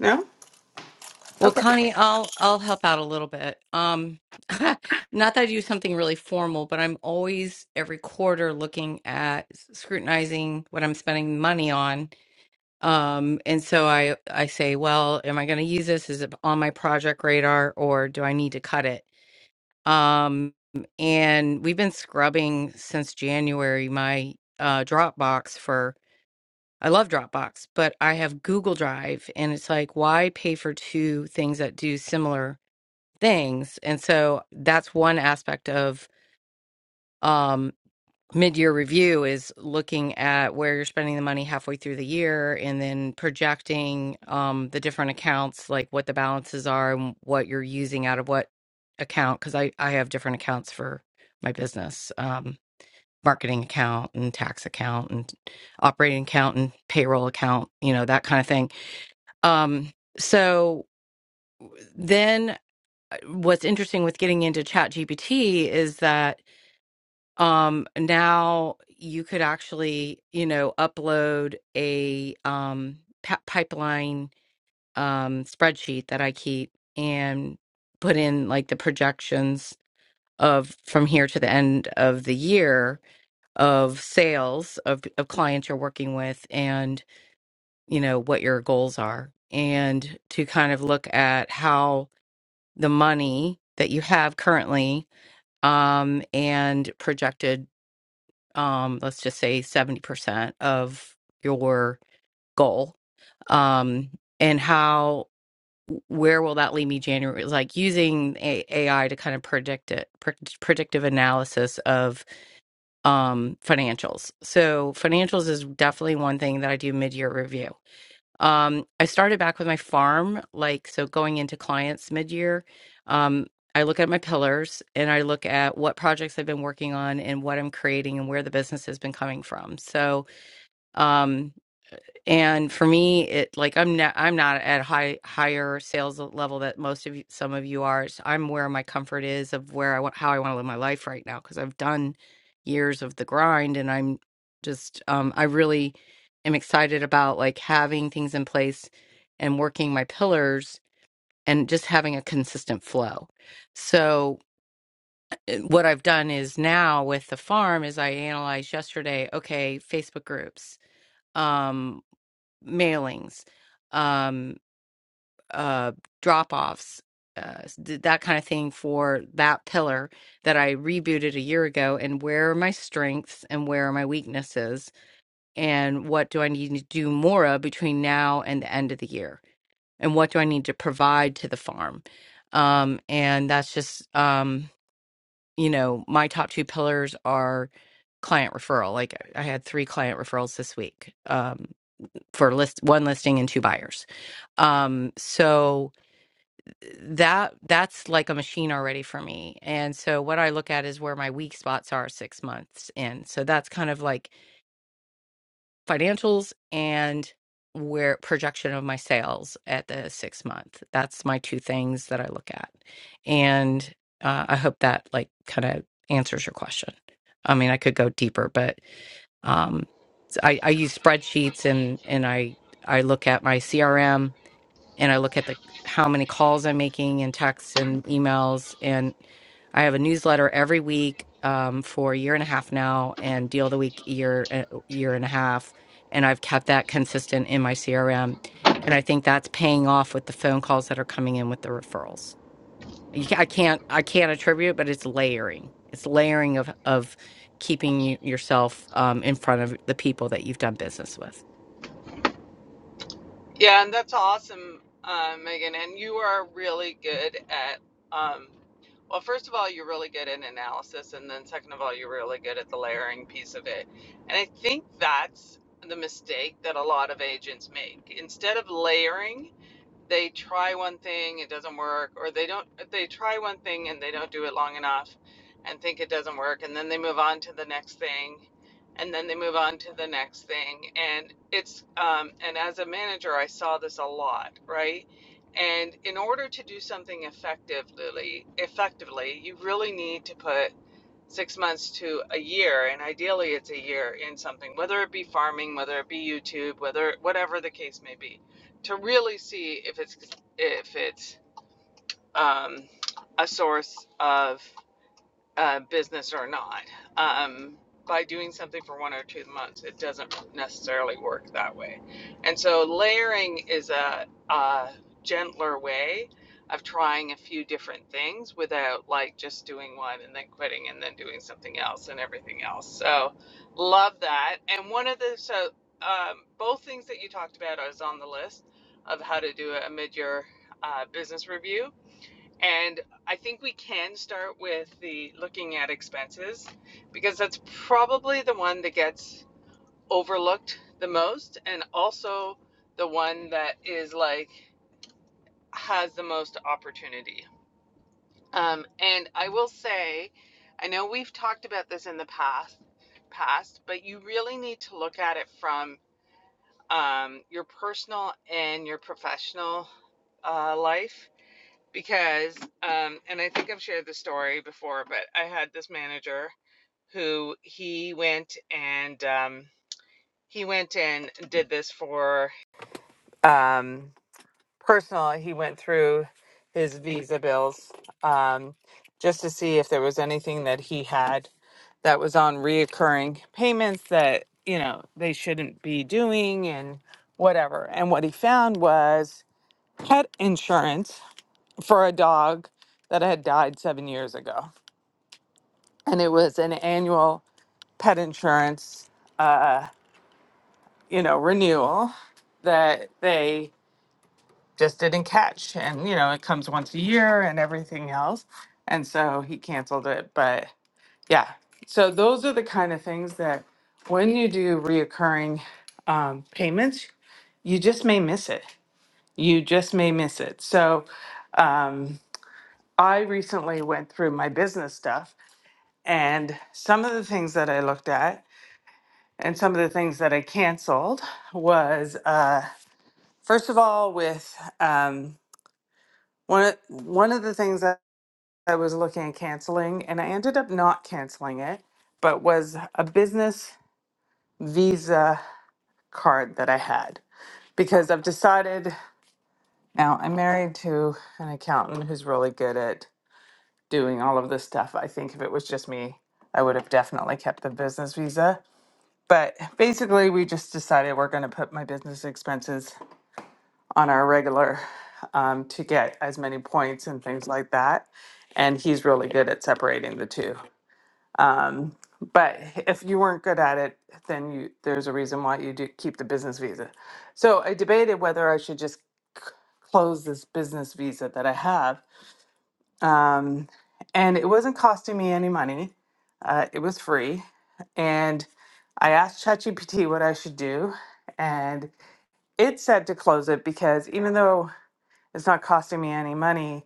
No. Well, Okay. Connie, I'll I'll help out a little bit. Um, not that I do something really formal, but I'm always every quarter looking at scrutinizing what I'm spending money on. Um, and so I I say, well, am I going to use this? Is it on my project radar, or do I need to cut it? Um, and we've been scrubbing since January my uh, Dropbox for. I love Dropbox, but I have Google Drive, and it's like, why pay for two things that do similar? things. And so that's one aspect of um, mid-year review is looking at where you're spending the money halfway through the year and then projecting um, the different accounts, like what the balances are and what you're using out of what account. Because I, I have different accounts for my business. Um, marketing account and tax account and operating account and payroll account you know that kind of thing um so then what's interesting with getting into ChatGPT is that um now you could actually you know upload a um pa- pipeline um spreadsheet that i keep and put in like the projections of from here to the end of the year of sales of, of clients you're working with and you know what your goals are and to kind of look at how the money that you have currently um, and projected, um, let's just say 70% of your goal. Um, and how, where will that leave me January? Like using a- AI to kind of predict it, pre- predictive analysis of um, financials. So, financials is definitely one thing that I do mid year review um, I started back with my farm, like so going into clients mid-year. Um, I look at my pillars and I look at what projects I've been working on and what I'm creating and where the business has been coming from. So, um, and for me it like i'm not i'm not at high higher sales level that most of you, some of you are so i'm where my comfort is of where i want how i want to live my life right now because i've done years of the grind and i'm just um i really am excited about like having things in place and working my pillars and just having a consistent flow so eh, what i've done is now with the farm is i analyzed yesterday okay facebook groups Um, mailings, um, uh, drop offs, uh, did that kind of thing for that pillar that I rebooted a year ago. And where are my strengths and where are my weaknesses? And what do I need to do more of between now and the end of the year? And what do I need to provide to the farm? Um, and that's just, um, you know, my top two pillars are client referral. Like I I had three client referrals this week um, for list one listing and two buyers um so that that's like a machine already for me and so what i look at is where my weak spots are six months in so that's kind of like financials and where projection of my sales at the six month that's my two things that i look at and uh, i hope that like kind of answers your question i mean i could go deeper but um I, I use spreadsheets and and i i look at my crm and I look at the how many calls I'm making and texts and emails. And I have a newsletter every week um, for a year and a half now, and deal of the week year a year and a half. And I've kept that consistent in my CRM, and I think that's paying off with the phone calls that are coming in with the referrals. You, ca- I can't I can't attribute, it, but it's layering. It's layering of of keeping you, yourself um, in front of the people that you've done business with. Yeah, and that's awesome, uh, Megan. And you are really good at, um, well, first of all, you're really good at analysis. And then second of all, you're really good at the layering piece of it. And I think that's the mistake that a lot of agents make. Instead of layering, they try one thing, it doesn't work, or they don't they try one thing and they don't do it long enough and think it doesn't work and then they move on to the next thing and then they move on to the next thing and it's um and as a manager I saw this a lot, right? And in order to do something effectively, effectively, you really need to put six months to a year, and ideally it's a year in something, whether it be farming, whether it be YouTube, whether whatever the case may be to really see if it's if it's um, a source of uh, business or not. Um, by doing something for one or two months, it doesn't necessarily work that way. And so layering is a, a gentler way of trying a few different things without like just doing one and then quitting and then doing something else and everything else. So love that. And one of the so um, both things that you talked about is on the list of how to do a mid-year uh, business review and I think we can start with the looking at expenses because that's probably the one that gets overlooked the most and also the one that is like has the most opportunity. Um, and I will say, I know we've talked about this in the past, past, but you really need to look at it from um, your personal and your professional uh, life because um and I think I've shared the story before, but I had this manager who he went and um he went and did this for um personal he went through his visa bills um just to see if there was anything that he had that was on reoccurring payments that you know they shouldn't be doing and whatever and what he found was pet insurance for a dog that had died seven years ago. And it was an annual pet insurance, uh, you know, renewal that they just didn't catch. And, you know, it comes once a year and everything else. And so he canceled it. But yeah, so those are the kind of things that when you do reoccurring um, payments, you just may miss it. You just may miss it. So um, I recently went through my business stuff And some of the things that I looked at and some of the things that I canceled was uh, first of all, with um, one, of, one of the things that I was looking at canceling, and I ended up not canceling it, but was a business visa card that I had because I've decided now I'm married to an accountant who's really good at doing all of this stuff. I think if it was just me, I would have definitely kept the business visa But basically, we just decided we're going to put my business expenses on our regular um, to get as many points and things like that. And he's really good at separating the two. Um, but if you weren't good at it, then you, there's a reason why you do keep the business visa. So I debated whether I should just close this business visa that I have um, and it wasn't costing me any money, uh, it was free. And I asked ChatGPT what I should do, and it said to close it because even though it's not costing me any money,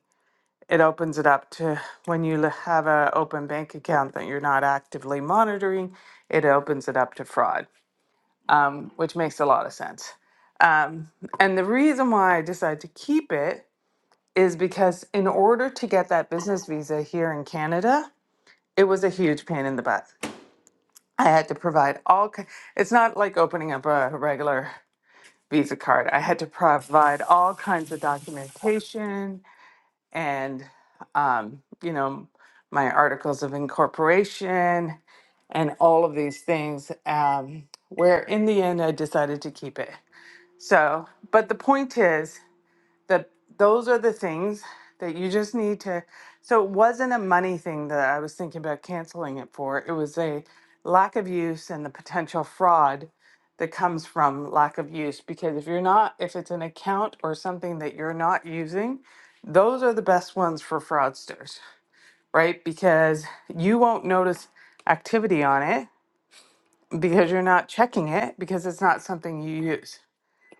it opens it up to when you l- have an open bank account that you're not actively monitoring, it opens it up to fraud, um, which makes a lot of sense. Um, and the reason why I decided to keep it is because in order to get that business visa here in Canada, it was a huge pain in the butt. I had to provide all. ki- It's not like opening up a regular Visa card. I had to provide all kinds of documentation and, um, you know, my articles of incorporation and all of these things. Um, where in the end, I decided to keep it. So, but the point is that those are the things that you just need to so it wasn't a money thing that i was thinking about canceling it for it was a lack of use and the potential fraud that comes from lack of use because if you're not if it's an account or something that you're not using those are the best ones for fraudsters right because you won't notice activity on it because you're not checking it because it's not something you use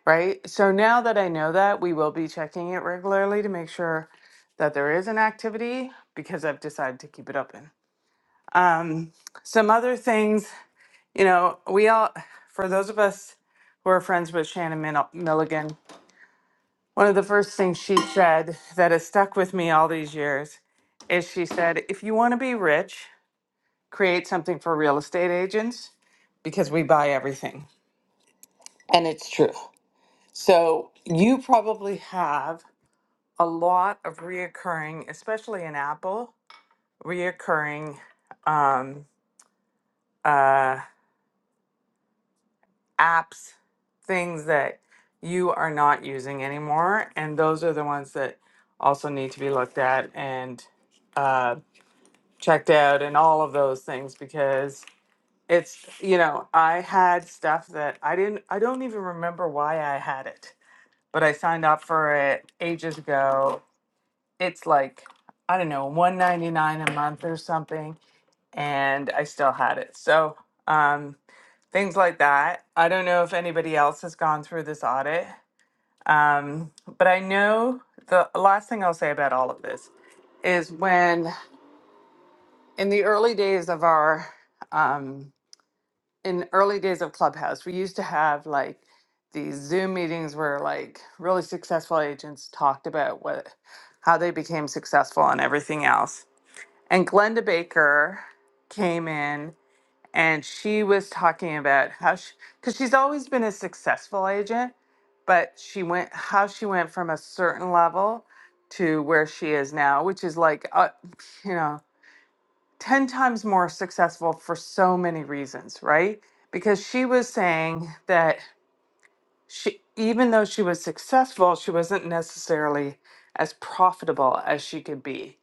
right? So now that I know that, we will be checking it regularly to make sure that there is an activity because I've decided to keep it open. Um, some other things, you know, we all, for those of us who are friends with Shannon Min- Milligan, one of the first things she said that has stuck with me all these years is she said, if you want to be rich, create something for real estate agents because we buy everything. And it's true. So you probably have a lot of reoccurring, especially in Apple, reoccurring um, uh, apps, things that you are not using anymore. And those are the ones that also need to be looked at and uh, checked out and all of those things because it's, you know, I had stuff that I didn't, I don't even remember why I had it, but I signed up for it ages ago. It's like, I don't know, 199 a month or something and I still had it. So um, things like that. I don't know if anybody else has gone through this audit, um, but I know the last thing I'll say about all of this is when in the early days of our um, in early days of Clubhouse, we used to have like these Zoom meetings where like really successful agents talked about what how they became successful and everything else. And Glenda Baker came in and she was talking about how she because she's always been a successful agent but she went how she went from a certain level to where she is now which is like uh, you know 10 times more successful for so many reasons right because she was saying that she even though she was successful she wasn't necessarily as profitable as she could be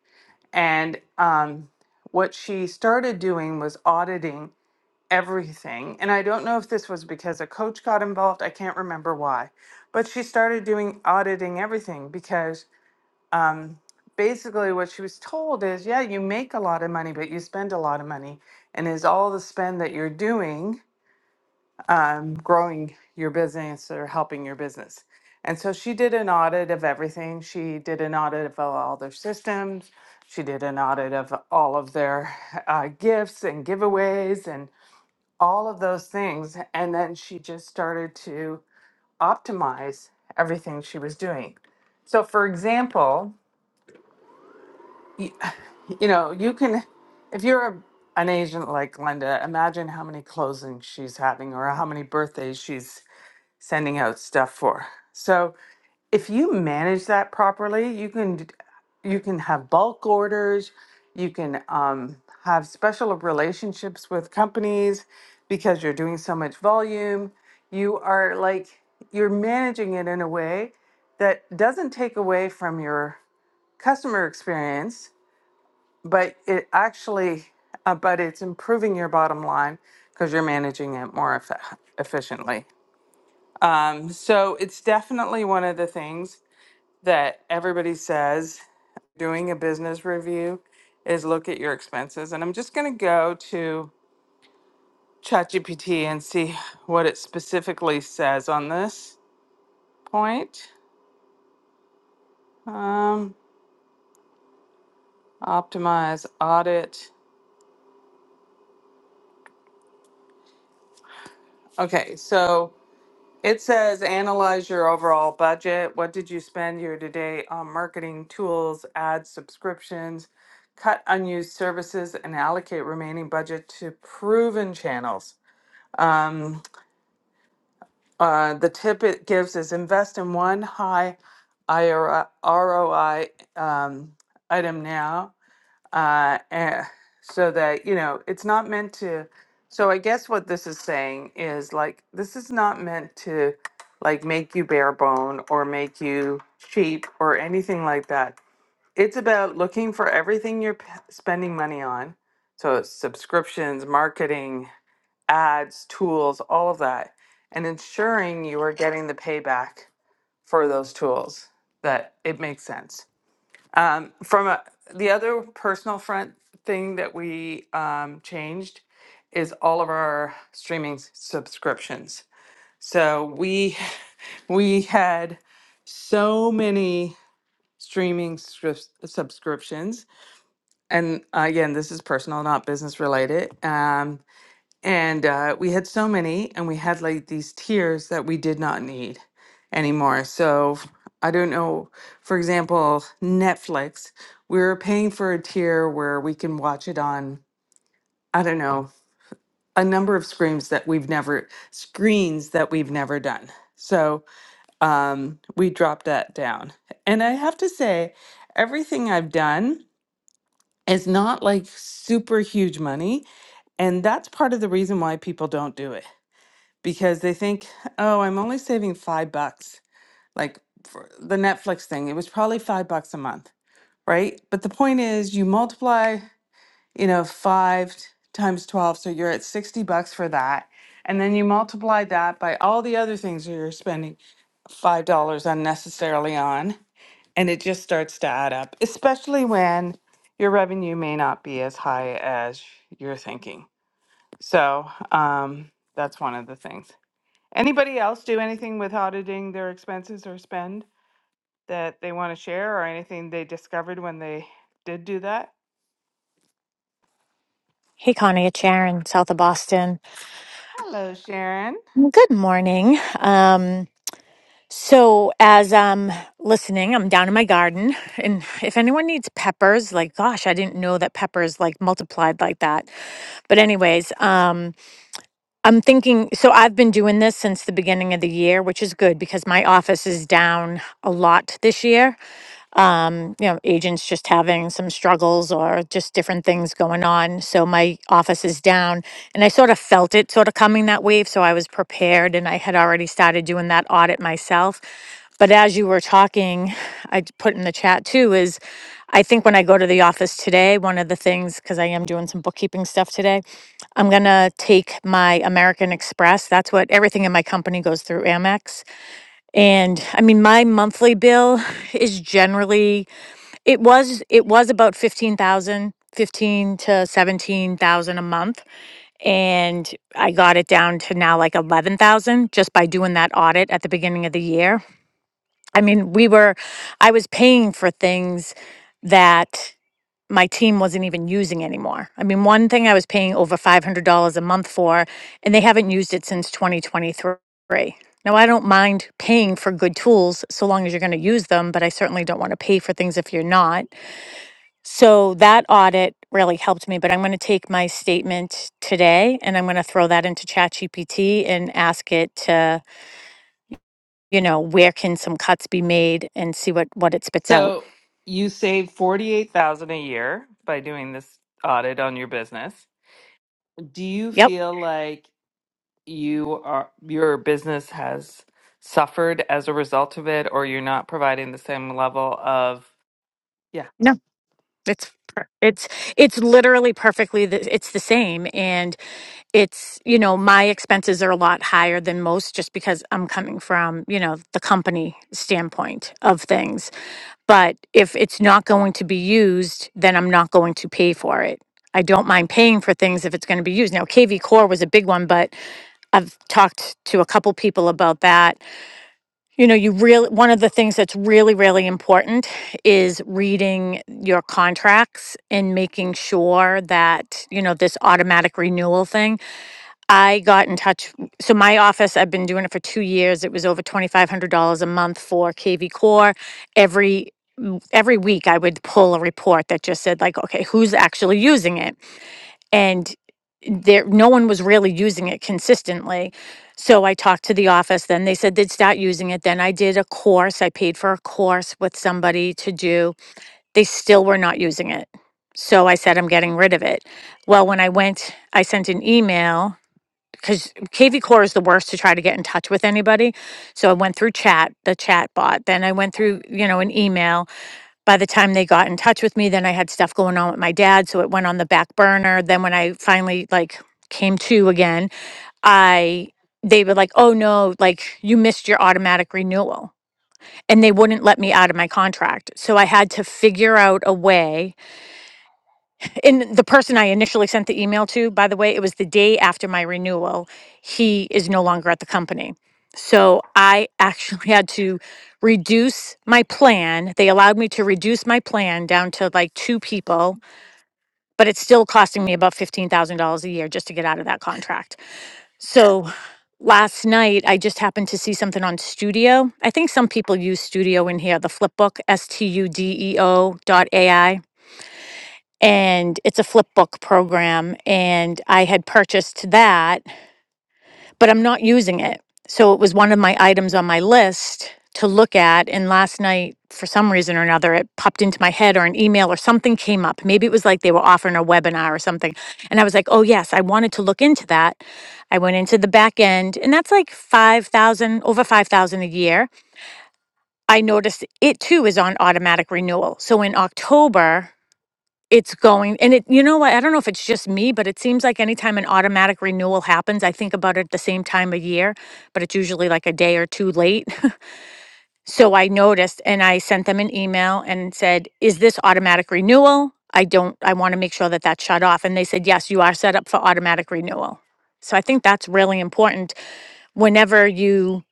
and um, what she started doing was auditing everything. And I don't know if this was because a coach got involved. I can't remember why. But she started doing auditing everything because um, basically what she was told is yeah, you make a lot of money, but you spend a lot of money. And is all the spend that you're doing um, growing your business or helping your business? And so she did an audit of everything. She did an audit of all their systems. She did an audit of all of their uh, gifts and giveaways and all of those things. And then she just started to optimize everything she was doing. So, for example, you, you know, you can, if you're a, an agent like Linda, imagine how many closings she's having or how many birthdays she's sending out stuff for. So, if you manage that properly, you can d- you can have bulk orders, you can um, have special relationships with companies because you're doing so much volume. You are like you're managing it in a way that doesn't take away from your customer experience, but it actually uh, but it's improving your bottom line because you're managing it more effe- efficiently. Um, so it's definitely one of the things that everybody says doing a business review is look at your expenses. And I'm just going to go to ChatGPT and see what it specifically says on this point. Um, optimize, audit. Okay, so it says analyze your overall budget. What did you spend year to date on marketing tools, ads, subscriptions? Cut unused services and allocate remaining budget to proven channels. Um, Uh, the tip it gives is invest in one high IRI, ROI um, item now, uh, eh, so that you know it's not meant to. So I guess what this is saying is like this is not meant to like make you bare bone or make you cheap or anything like that. It's about looking for everything you're p- spending money on. So it's subscriptions, marketing, ads, tools, all of that, and ensuring you are getting the payback for those tools that it makes sense. Um, from a, the other personal front thing that we um, changed is all of our streaming s- subscriptions. So we we had so many streaming subs- subscriptions, and again, this is personal, not business related. Um, and uh, we had so many, and we had like these tiers that we did not need anymore. So f- I don't know. For example, Netflix, we were paying for a tier where we can watch it on, I don't know, a number of screens that we've never screens that we've never done. So um, we dropped that down. And I have to say, everything I've done is not like super huge money. And that's part of the reason why people don't do it because they think, oh, I'm only saving five bucks. Like for the Netflix thing, it was probably five bucks a month, right? But the point is, you multiply, you know, five t- times 12, so you're at 60 bucks for that. And then you multiply that by all the other things that you're spending $5 unnecessarily on. And it just starts to add up, especially when your revenue may not be as high as you're thinking. So um, that's one of the things. Anybody else do anything with auditing their expenses or spend that they want to share or anything they discovered when they did do that? Hey, Connie, it's Sharon, south of Boston. Hello, Sharon. Good morning. Um, so, as I'm listening, I'm down in my garden. And if anyone needs peppers, like, gosh, I didn't know that peppers like multiplied like that. But, anyways, um, I'm thinking so I've been doing this since the beginning of the year, which is good because my office is down a lot this year. um, you know, agents just having some struggles or just different things going on. So my office is down and I sort of felt it sort of coming that wave. So I was prepared and I had already started doing that audit myself. But as you were talking, I d- put in the chat too is I think when I go to the office today, one of the things, because I am doing some bookkeeping stuff today, I'm going to take my American Express. That's what everything in my company goes through Amex. And I mean, my monthly bill is generally it was it was about 15,000, 15 to 17,000 a month and I got it down to now like 11,000 just by doing that audit at the beginning of the year. I mean, we were I was paying for things that my team wasn't even using anymore. I mean, one thing I was paying over $500 a month for and they haven't used it since 2023. Now, I don't mind paying for good tools so long as you're going to use them, but I certainly don't want to pay for things if you're not. So that audit really helped me, but I'm going to take my statement today and I'm going to throw that into ChatGPT and ask it to, you know, where can some cuts be made and see what what it spits out. So you save 48,000 a year by doing this audit on your business. Do you Yep. feel like you are your business has suffered as a result of it or you're not providing the same level of yeah? No. It's per- it's it's literally perfectly the, it's the same and it's you know my expenses are a lot higher than most just because I'm coming from you know the company standpoint of things But if it's not going to be used, then I'm not going to pay for it. I don't mind paying for things if it's going to be used. Now, KV Core was a big one, but I've talked to a couple people about that. You know, you really, one of the things that's really, really important is reading your contracts and making sure that, you know, this automatic renewal thing I got in touch. So my office, I've been doing it for two years. It was over twenty-five hundred dollars a month for KV Core. Every m- every week, I would pull a report that just said like, okay, who's actually using it, and there no one was really using it consistently. So I talked to the office. Then they said they'd start using it. Then I did a course. I paid for a course with somebody to do. They still were not using it. So I said, I'm getting rid of it. Well, when I went, I sent an email because KV Core is the worst to try to get in touch with anybody. So I went through chat, the chat bot. Then I went through, you know, an email. By the time they got in touch with me, then I had stuff going on with my dad. So it went on the back burner. Then when I finally like came to again, I they were like, oh no, like you missed your automatic renewal. And they wouldn't let me out of my contract. So I had to figure out a way and the person I initially sent the email to, by the way, it was the day after my renewal. He is no longer at the company. So I actually had to reduce my plan. They allowed me to reduce my plan down to like two people, but it's still costing me about $15,000 a year just to get out of that contract. So last night I just happened to see something on Studio. I think some people use Studio in here, the flipbook, S T U D E O dot A I and it's a flip book program and i had purchased that but i'm not using it so it was one of my items on my list to look at and last night for some reason or another it popped into my head or an email or something came up maybe it was like they were offering a webinar or something and i was like oh yes i wanted to look into that i went into the back end and that's like 5000 over 5000 a year i noticed it too is on automatic renewal so in october it's going and it you know what, I don't know if it's just me, but it seems like anytime an automatic renewal happens, I think about it at the same time of year, but it's usually like a day or two late. So I noticed and I sent them an email and said, "Is this automatic renewal? I don't I want to make sure that that's shut off." And they said, "Yes, you are set up for automatic renewal." So I think that's really important whenever you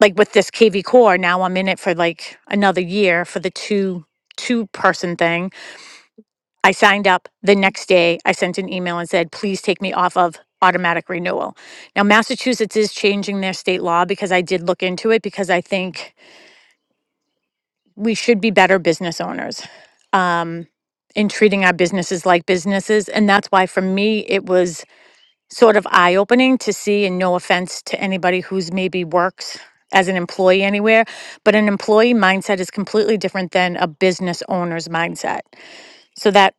like with this KV Core, now I'm in it for like another year for the two two person thing I signed up. The next day, I sent an email and said, please take me off of automatic renewal. Now, Massachusetts is changing their state law because I did look into it because I think we should be better business owners um, in treating our businesses like businesses. And that's why, for me, it was sort of eye opening to see, and no offense to anybody who's maybe works as an employee anywhere, but an employee mindset is completely different than a business owner's mindset. So that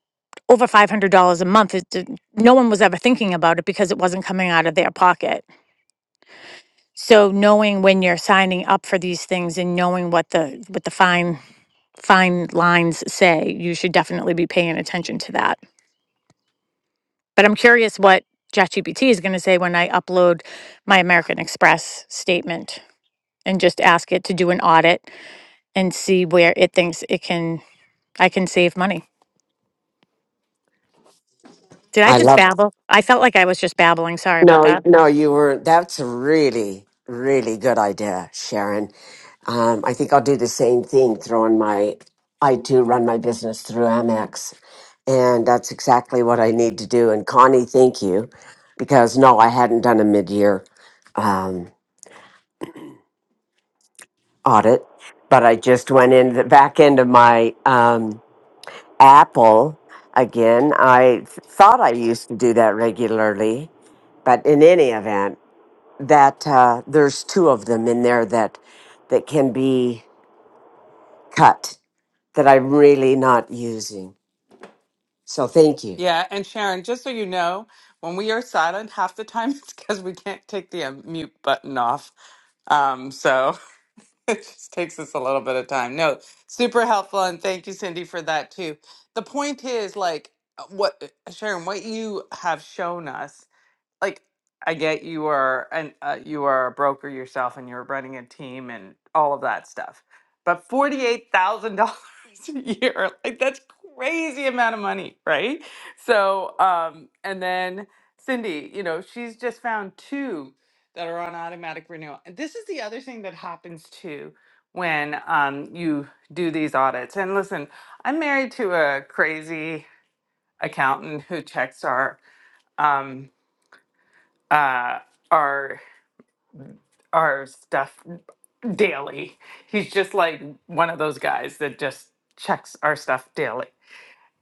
over five hundred dollars a month is d- no one was ever thinking about it because it wasn't coming out of their pocket. So knowing when you're signing up for these things and knowing what the what the fine fine lines say, you should definitely be paying attention to that. But I'm curious what ChatGPT is going to say when I upload my American Express statement and just ask it to do an audit and see where it thinks it can I can save money. Did I I just love. babble? I felt like I was just babbling. Sorry about No, that. no, you were. That's a really, really good idea, Sharon. Um, I think I'll do the same thing. Throwing my, I too run my business through Amex, and that's exactly what I need to do. And Connie, thank you, because no, I hadn't done a mid-year um, audit, but I just went in the back end of my. Um, Apple again. I th- thought I used to do that regularly, but in any event, that uh, there's two of them in there that that can be cut that I'm really not using. So thank you. Yeah, and Sharon, just so you know, when we are silent, half the time it's because we can't take the uh, mute button off. Um, so it just takes us a little bit of time. No, super helpful, and thank you, Cindy, for that too. The point is, like, uh, what uh, Sharon, what you have shown us like I get you are and uh, you are a broker yourself and you're running a team and all of that stuff, but forty eight thousand dollars a year, like that's crazy amount of money, right? So, um, and then Cindy, you know, she's just found two that are on automatic renewal, and this is the other thing that happens too when um, you do these audits. And listen, I'm married to a crazy accountant who checks our um, uh, our our stuff daily. He's just like one of those guys that just checks our stuff daily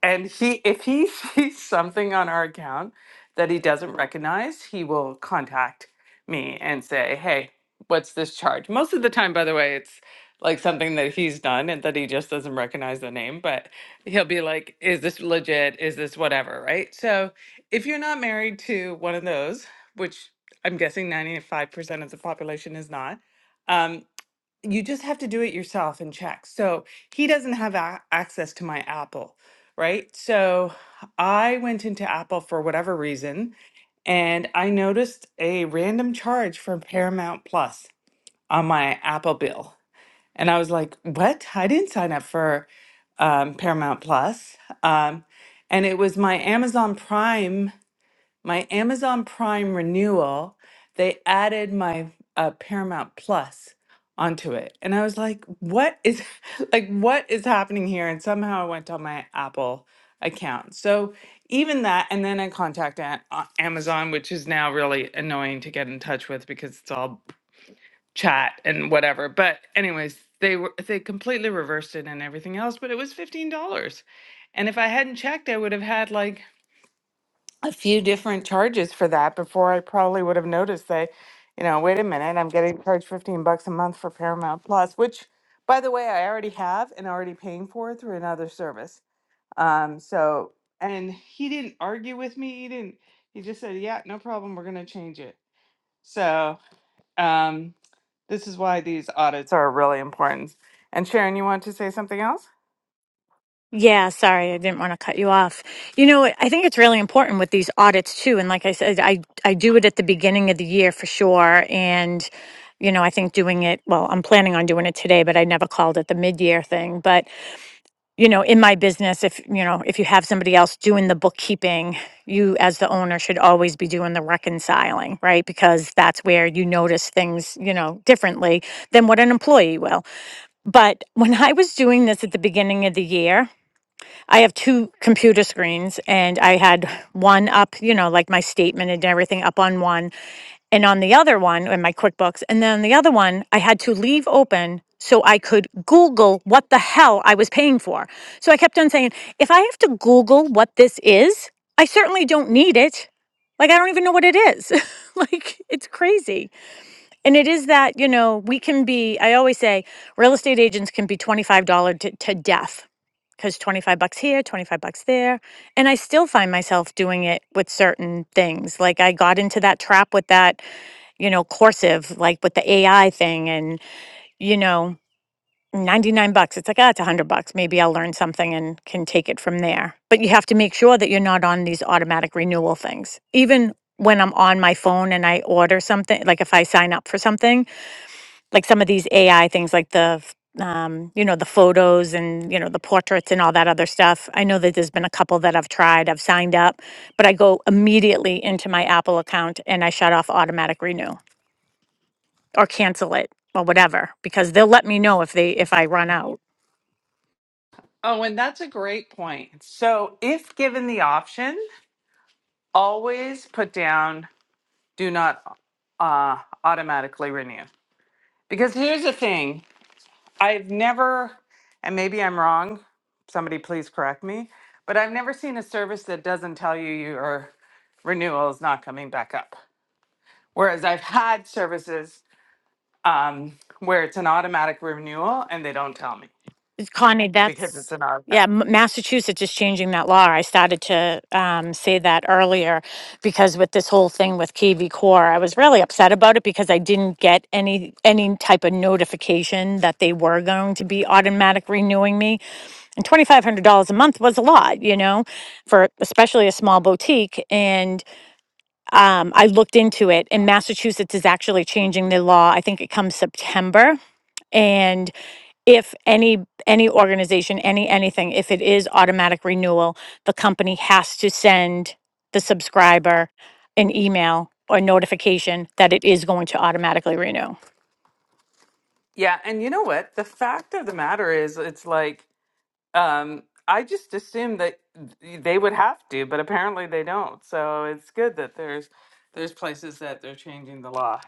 and he if he sees something on our account that he doesn't recognize he will contact me and say hey what's this charge most of the time by the way it's like something that he's done and that he just doesn't recognize the name but he'll be like is this legit is this whatever right so if you're not married to one of those which i'm guessing 95% of the population is not um, you just have to do it yourself and check. So he doesn't have a- access to my Apple, right? So I went into Apple for whatever reason and I noticed a random charge from Paramount Plus on my Apple bill. And I was like, what? I didn't sign up for um, Paramount Plus. Um, and it was my Amazon Prime my Amazon Prime renewal, they added my uh, Paramount Plus onto it. And I was like, what is like what is happening here? And somehow I went on my Apple account. So even that and then I contacted A- uh, Amazon, which is now really annoying to get in touch with because it's all chat and whatever. But anyways, they were they completely reversed it and everything else, but it was $15. And if I hadn't checked, I would have had like a few different charges for that before I probably would have noticed that, you know, wait a minute, I'm getting charged 15 bucks a month for Paramount Plus, which by the way, I already have and already paying for through another service. Um, so, and he didn't argue with me. He didn't, he just said, yeah, no problem. We're going to change it. So, um, this is why these audits are really important. And Sharon, you want to say something else? Yeah, sorry. I didn't want to cut you off. You know, I think it's really important with these audits too. And like I said, I, I do it at the beginning of the year for sure. And, you know, I think doing it, well, I'm planning on doing it today, but I never called it the mid year thing. But you know, in my business, if, you know, if you have somebody else doing the bookkeeping, you as the owner should always be doing the reconciling, right? Because that's where you notice things, you know, differently than what an employee will. But when I was doing this at the beginning of the year, I have two computer screens and I had one up, you know, like my statement and everything up on one and on the other one in my quickbooks and then the other one i had to leave open so i could google what the hell i was paying for so i kept on saying if i have to google what this is i certainly don't need it like i don't even know what it is like it's crazy and it is that you know we can be i always say real estate agents can be $25 to, to death because 25 bucks here 25 bucks there and i still find myself doing it with certain things like i got into that trap with that you know, Corsive, like with the AI thing and, you know, 99 bucks. It's like, ah, it's 100 bucks. Maybe I'll learn something and can take it from there. But you have to make sure that you're not on these automatic renewal things. Even when I'm on my phone and I order something, like if I sign up for something, like some of these AI things, like the, f- um, you know, the photos and, you know, the portraits and all that other stuff. I know that there's been a couple that I've tried, I've signed up, but I go immediately into my Apple account and I shut off automatic renew or cancel it or whatever, because they'll let me know if they, if I run out. Oh, and that's a great point. So, if given the option, always put down do not uh, automatically renew. Because here's the thing I've never, and maybe I'm wrong, somebody please correct me, but I've never seen a service that doesn't tell you your renewal is not coming back up. Whereas I've had services um, where it's an automatic renewal and they don't tell me Connie, because that's, it's an yeah, automatic. M- Massachusetts is changing that law. I started to um, say that earlier because with this whole thing with KV Core, I was really upset about it because I didn't get any, any type of notification that they were going to be automatic renewing me. And $2,500 a month was a lot, you know, for especially a small boutique. And um, I looked into it, and Massachusetts is actually changing their law. I think it comes September, and if any any organization any anything if it is automatic renewal the company has to send the subscriber an email or notification that it is going to automatically renew Yeah, and you know what? The fact of the matter is, it's like Um, I just assumed that they would have to, but apparently they don't. So it's good that there's there's places that they're changing the law.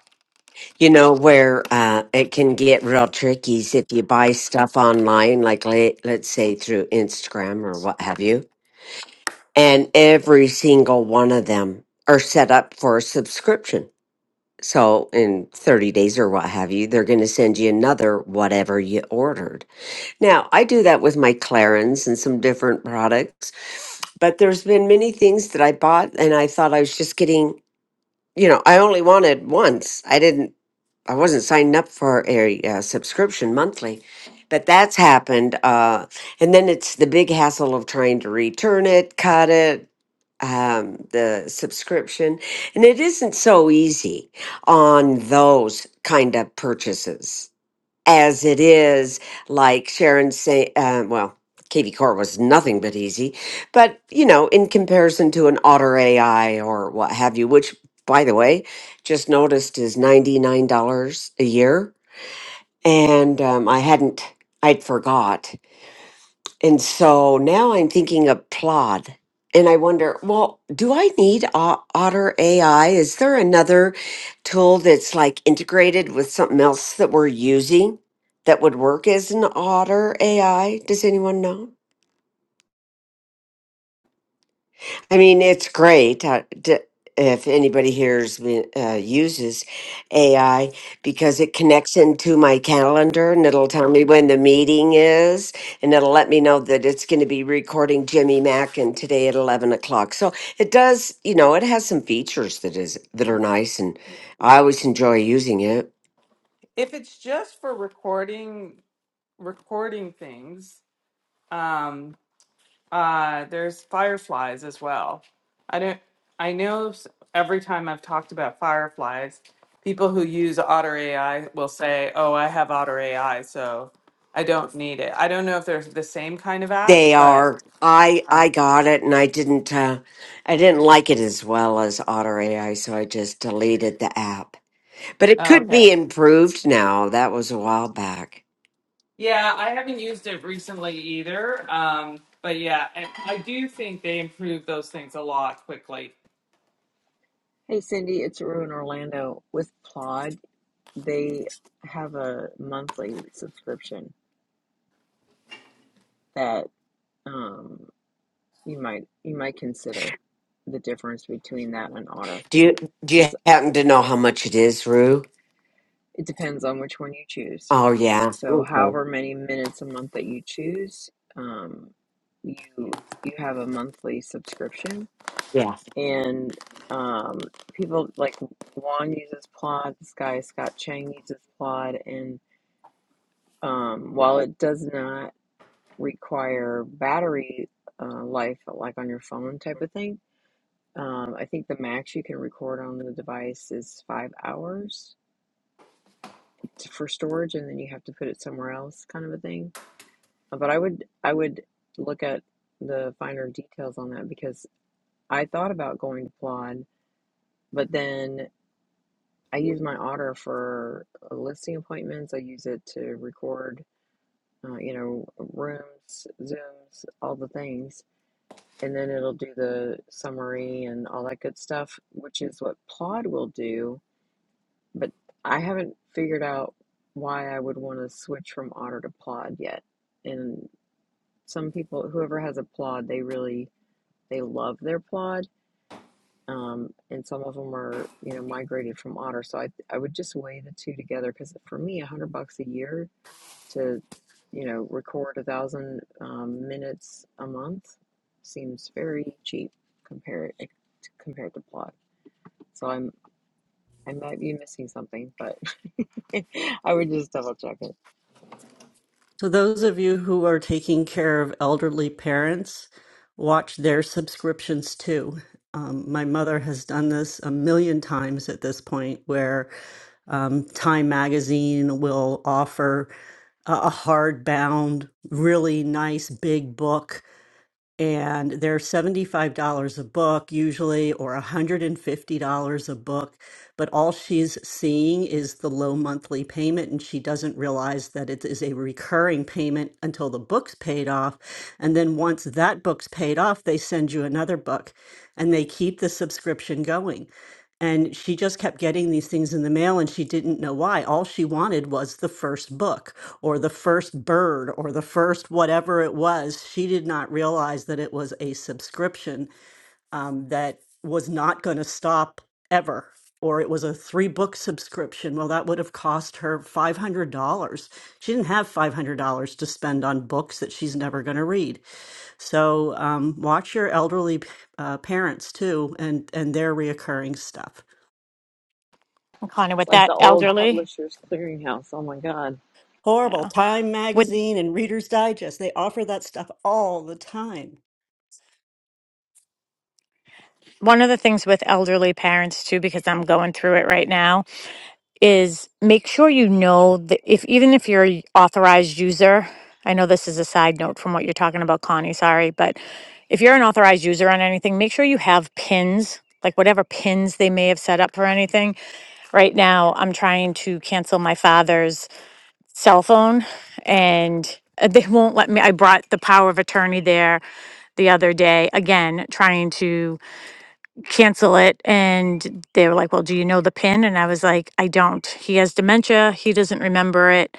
You know where uh, it can get real tricky is if you buy stuff online, like la- let's say through Instagram or what have you, and every single one of them are set up for a subscription So in 30 days or what have you, they're going to send you another whatever you ordered. Now, I do that with my Clarins and some different products, but there's been many things that I bought and I thought I was just getting you know, I only wanted once. I didn't, I wasn't signed up for a, uh subscription monthly, but that's happened. Uh, and then it's the big hassle of trying to return it, cut it, um, the subscription. And it isn't so easy on those kind of purchases as it is like sharon say uh, well KV Core was nothing but easy but you know in comparison to an otter ai or what have you which by the way just noticed is $99 a year and um, i hadn't i'd forgot and so now I'm thinking of Plod. And I wonder, well, do I need O- Otter AI? Is there another tool that's like integrated with something else that we're using that would work as an Otter AI? Does anyone know? I mean, it's great uh, d- if anybody here is, uh, uses AI because it connects into my calendar and it'll tell me when the meeting is and it'll let me know that it's going to be recording Jimmy Mackin today at 11 o'clock. So it does, you know, it has some features that is that are nice and I always enjoy using it. If it's just for recording recording things, um, uh, there's fireflies as well. I don't. I know s- every time I've talked about fireflies, people who use Otter AI will say, "Oh, I have Otter AI, so I don't need it." I don't know if they're the same kind of app, They but. are. I I Um, got it and I didn't uh, I didn't like it as well as Otter AI, so I just deleted the app. But it could okay. be improved now. That was a while back. Yeah, I haven't used it recently either. Um, but yeah, I, I do think they improved those things a lot quickly. Hey Cindy, it's Rue in Orlando. With Plod, they have a monthly subscription that um, you might you might consider the difference between that and Otter Do you do you because happen to know how much it is, Rue? it depends on which one you choose. Oh yeah. So, Okay. however many minutes a month that you choose, um, you you have a monthly subscription, Yeah. and um, people like Juan uses Plod. This guy Scott Chang uses Plod, and Um, while it does not require battery uh, life like on your phone type of thing, um, I think the max you can record on the device is five hours t- for storage, and then you have to put it somewhere else, kind of a thing. Uh, But I would I would look at the finer details on that because I thought about going to Plod, but then I use my Otter for uh, listing appointments. I use it to record, uh, you know, rooms, Zooms, all the things and then it'll do the summary and all that good stuff, which is what Plod will do. But I haven't figured out why I would want to switch from Otter to Plod yet. And some people, whoever has a Plod, they really they love their Plod. Um, and some of them are, you know, migrated from Otter. So I, I would just weigh the two together because for me, a hundred bucks a year to you know record a thousand um, minutes a month seems very cheap compared compared to plot so i'm i might be missing something but i would just double check it So, those of you who are taking care of elderly parents, watch their subscriptions too. Um, my mother has done this a million times at this point, where um, Time Magazine will offer a a hardbound, really nice big book and they're $75 a book usually or $150 a book but all she's seeing is the low monthly payment and she doesn't realize that it is a recurring payment until the book's paid off and then once that book's paid off they send you another book and they keep the subscription going and she just kept getting these things in the mail and she didn't know why. All she wanted was the first book or the first bird or the first whatever it was. She did not realize that it was a subscription um, that was not going to stop ever. Or it was a three book subscription. Well, that would have cost her $500. She didn't have $500 to spend on books that she's never going to read. So um, watch your elderly uh, parents too and, and their reoccurring stuff. And Connor, it's with like the that old elderly publishers clearinghouse oh my god Horrible. yeah Time with Magazine and Reader's Digest, they offer that stuff all the time. One of the things with elderly parents too, because I'm going through it right now, is make sure you know that if even if you're a authorized user, I know this is a side note from what you're talking about, Connie, sorry, but if you're an authorized user on anything, make sure you have pins, like whatever pins they may have set up for anything. Right now, I'm trying to cancel my father's cell phone and uh, they won't let me. I brought the power of attorney there the other day, again, trying to cancel it and they were like well do you know the pin and i was like i don't he has dementia he doesn't remember it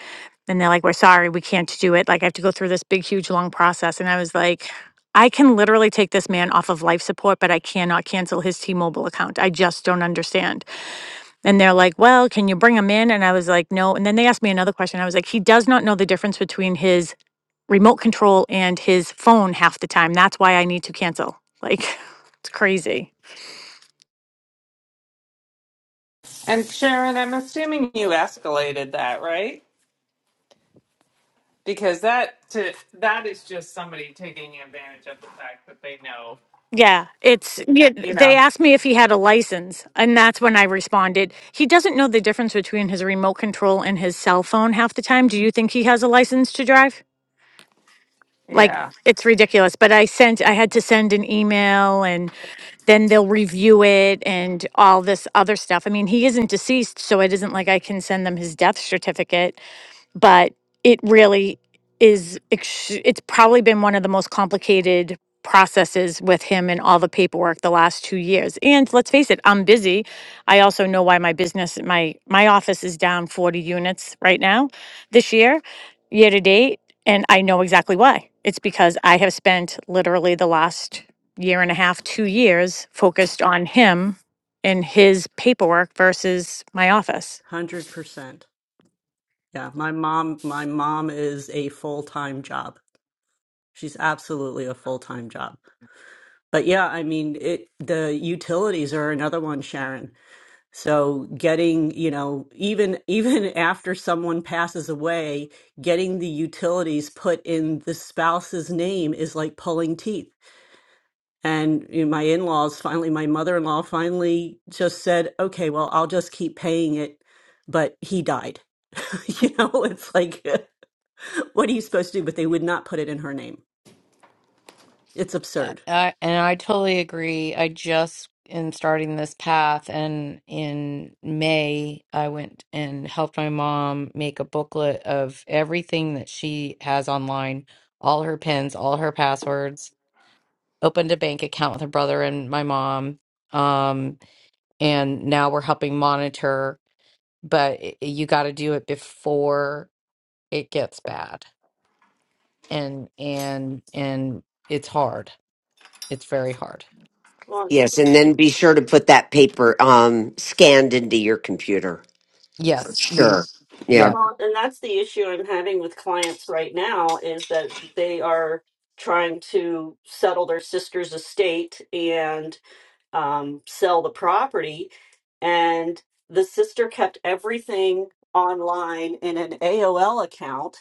and they're like we're sorry we can't do it like i have to go through this big huge long process and i was like i can literally take this man off of life support but i cannot cancel his t-mobile account i just don't understand and they're like well can you bring him in and i was like no and then they asked me another question i was like he does not know the difference between his remote control and his phone half the time that's why i need to cancel like it's crazy And Sharon, I'm assuming you escalated that, right? Because that to that is just somebody taking advantage of the fact that they know, Yeah, it's yeah, you they know. asked me if he had a license, and that's when I responded. He doesn't know the difference between his remote control and his cell phone half the time. Do you think he has a license to drive? Like Yeah. it's ridiculous, but I sent I had to send an email and then they'll review it and all this other stuff. I mean, he isn't deceased, so it isn't like I can send them his death certificate but it really is ex- it's probably been one of the most complicated processes with him and all the paperwork the last 2 years. And let's face it, I'm busy. I also know why my business my my office is down 40 units right now this year year to date and I know exactly why. It's because I have spent literally the last year and a half, 2 years focused on him and his paperwork versus my office. 100%. Yeah, my mom my mom is a full-time job. She's absolutely a full-time job. But yeah, I mean, it the utilities are another one, Sharon. So getting, you know, even even after someone passes away, getting the utilities put in the spouse's name is like pulling teeth. And you know, my in laws finally, my mother in law finally just said, okay, well, I'll just keep paying it. But he died. you know, it's like, what are you supposed to do? But they would not put it in her name. It's I, absurd. I- and I totally agree. I just in starting this path and in May, I went and helped my mom make a booklet of everything that she has online, all her pins, all her passwords, opened a bank account with her brother and my mom. Um, and now we're helping monitor, but i- you got to do it before it gets bad. and and and it's hard. It's very hard. Well, Yes, and then be sure to put that paper um scanned into your computer for Yes, we. sure. Yeah. Yeah, Well, and that's the issue I'm having with clients right now is that they are trying to settle their sister's estate and um, sell the property. And the sister kept everything online in an AOL account.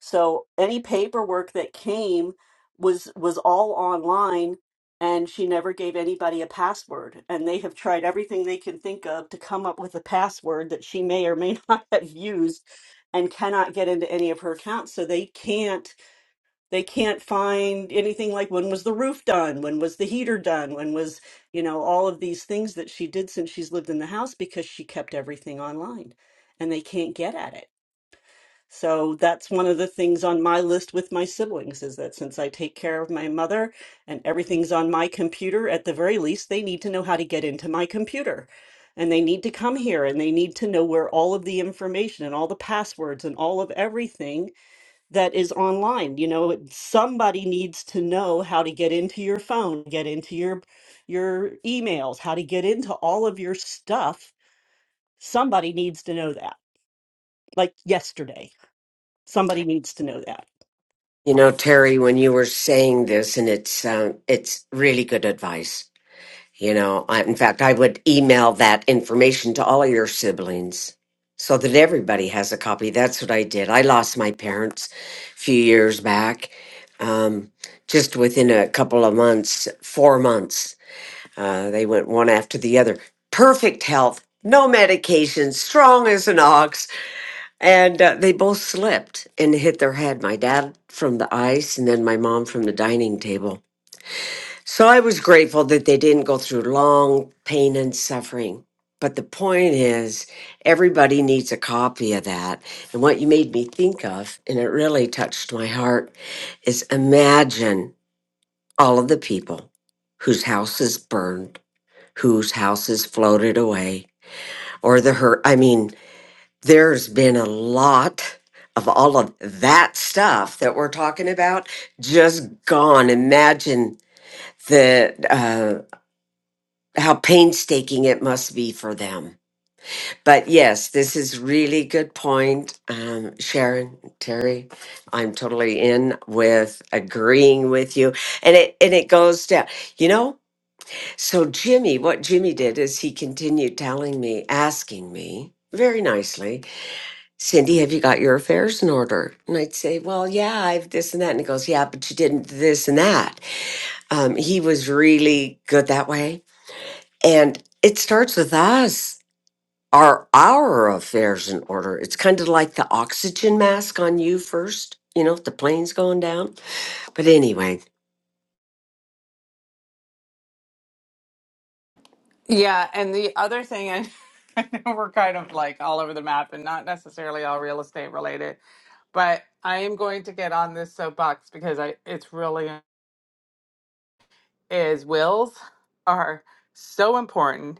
So any paperwork that came was was all online and she never gave anybody a password and they have tried everything they can think of to come up with a password that she may or may not have used and cannot get into any of her accounts so they can't they can't find anything like when was the roof done when was the heater done when was you know all of these things that she did since she's lived in the house because she kept everything online and they can't get at it so that's one of the things on my list with my siblings is that since i take care of my mother and everything's on my computer at the very least they need to know how to get into my computer and they need to come here and they need to know where all of the information and all the passwords and all of everything that is online. You know, it- somebody needs to know how to get into your phone, get into your your emails, how to get into all of your stuff. Somebody needs to know that. Like yesterday, somebody needs to know that. You know, Terry, when you were saying this, and it's um, it's really good advice. You know, I, in fact, I would email that information to all of your siblings so that everybody has a copy. That's what I did. I lost my parents a few years back, um, just within a couple of months, four months. Uh, they went one after the other. Perfect health, no medication, strong as an ox. And uh, they both slipped and hit their head. My dad from the ice, and then my mom from the dining table so I was grateful that they didn't go through long pain and suffering. But the point is, everybody needs a copy of that. And what you made me think of, and it really touched my heart, is imagine all of the people whose house is burned, whose house is floated away, or the hurt. I mean, there's been a lot of all of that stuff that we're talking about just gone. Imagine the uh, how painstaking it must be for them. But yes, this is really good point, um, Sharon Terry. I'm totally in with agreeing with you, and it and it goes down. You know, so Jimmy, what Jimmy did is he continued telling me, asking me very nicely, Cindy, have you got your affairs in order? And I'd say, Well, yeah, I've this and that, and he goes, Yeah, but you didn't this and that. Um, he was really good that way, and it starts with us are our affairs in order. It's kind of like the oxygen mask on you first, you know, if the plane's going down. But anyway, Yeah, and the other thing and I know we're kind of like all over the map and not necessarily all real estate related, but I am going to get on this soapbox because I it's really is wills are so important.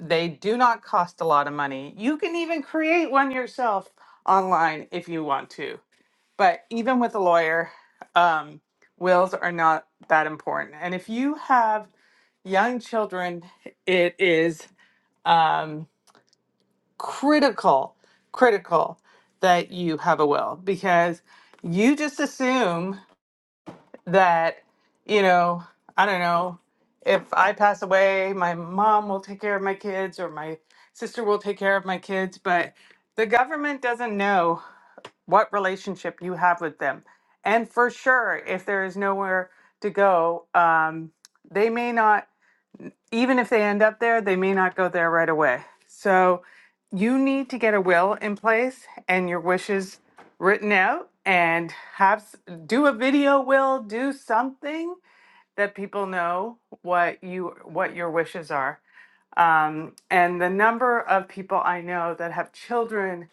They do not cost a lot of money. You can even create one yourself online if you want to. But even with a lawyer, um, wills are not that important. And if you have young children, it is um, critical, critical that you have a will because you just assume that you know i don't know if i pass away my mom will take care of my kids or my sister will take care of my kids but the government doesn't know what relationship you have with them and for sure if there is nowhere to go um, they may not even if they end up there, they may not go there right away. So you need to get a will in place and your wishes written out and have s- do a video will, do something that people know what you what your wishes are. Um, and the number of people I know that have children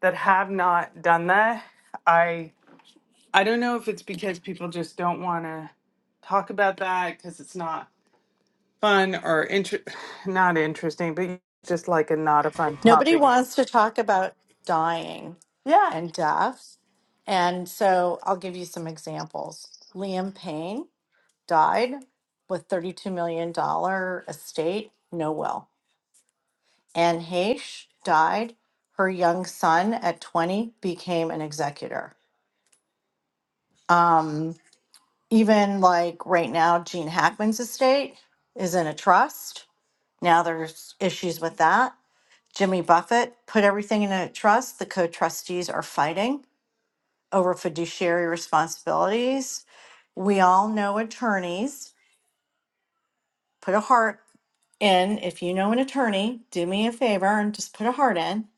that have not done that, I I don't know if it's because people just don't want to talk about that because it's not fun or inter- not interesting, but just like a not a fun Nobody topic. wants to talk about dying Yeah. and death. And so I'll give you some examples. Liam Payne died with $32 million dollar estate, no will. Anne Heche died. Her young son at 20 became an executor. Um, even like right now, Gene Hackman's estate is in a trust. Now there's issues with that. Jimmy Buffett put everything in a trust. The co trustees are fighting over fiduciary responsibilities. We all know attorneys. Put a heart in. If you know an attorney, do me a favor and just put a heart in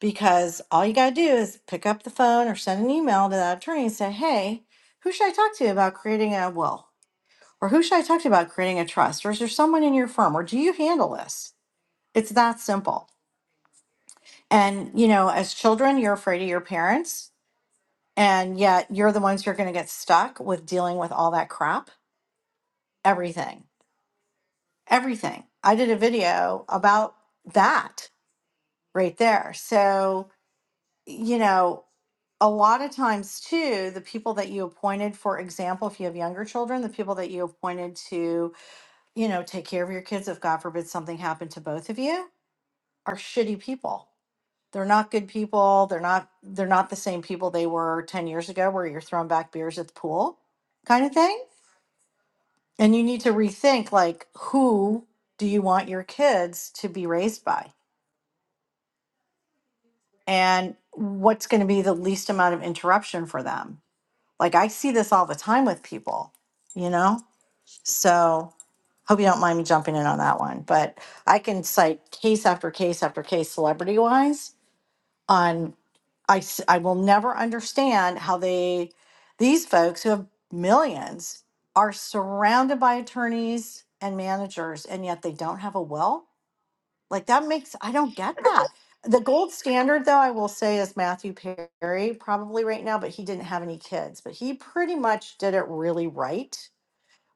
because all you got to do is pick up the phone or send an email to that attorney and say, hey, who should I talk to about creating a will? Or who should I talk to about creating a trust? Or is there someone in your firm? Or do you handle this? It's that simple. And, you know, as children, you're afraid of your parents, and yet you're the ones who are going to get stuck with dealing with all that crap everything, everything. I did a video about that right there. So, you know, a lot of times too, the people that you appointed, for example, if you have younger children, the people that you appointed to, you know, take care of your kids, if God forbid something happened to both of you, are shitty people. They're not good people. They're not they're not the same people they were 10 years ago where you're throwing back beers at the pool kind of thing And you need to rethink like who do you want your kids to be raised by? And what's going to be the least amount of interruption for them? Like I see this all the time with people, you know? So hope you don't mind me jumping in on that one, but I can cite case after case after case celebrity wise on I s- I will never understand how they these folks who have millions are surrounded by attorneys and managers and yet they don't have a will Like that makes I don't get that. The gold standard though, I will say is Matthew Perry probably right now, but he didn't have any kids, but he pretty much did it really right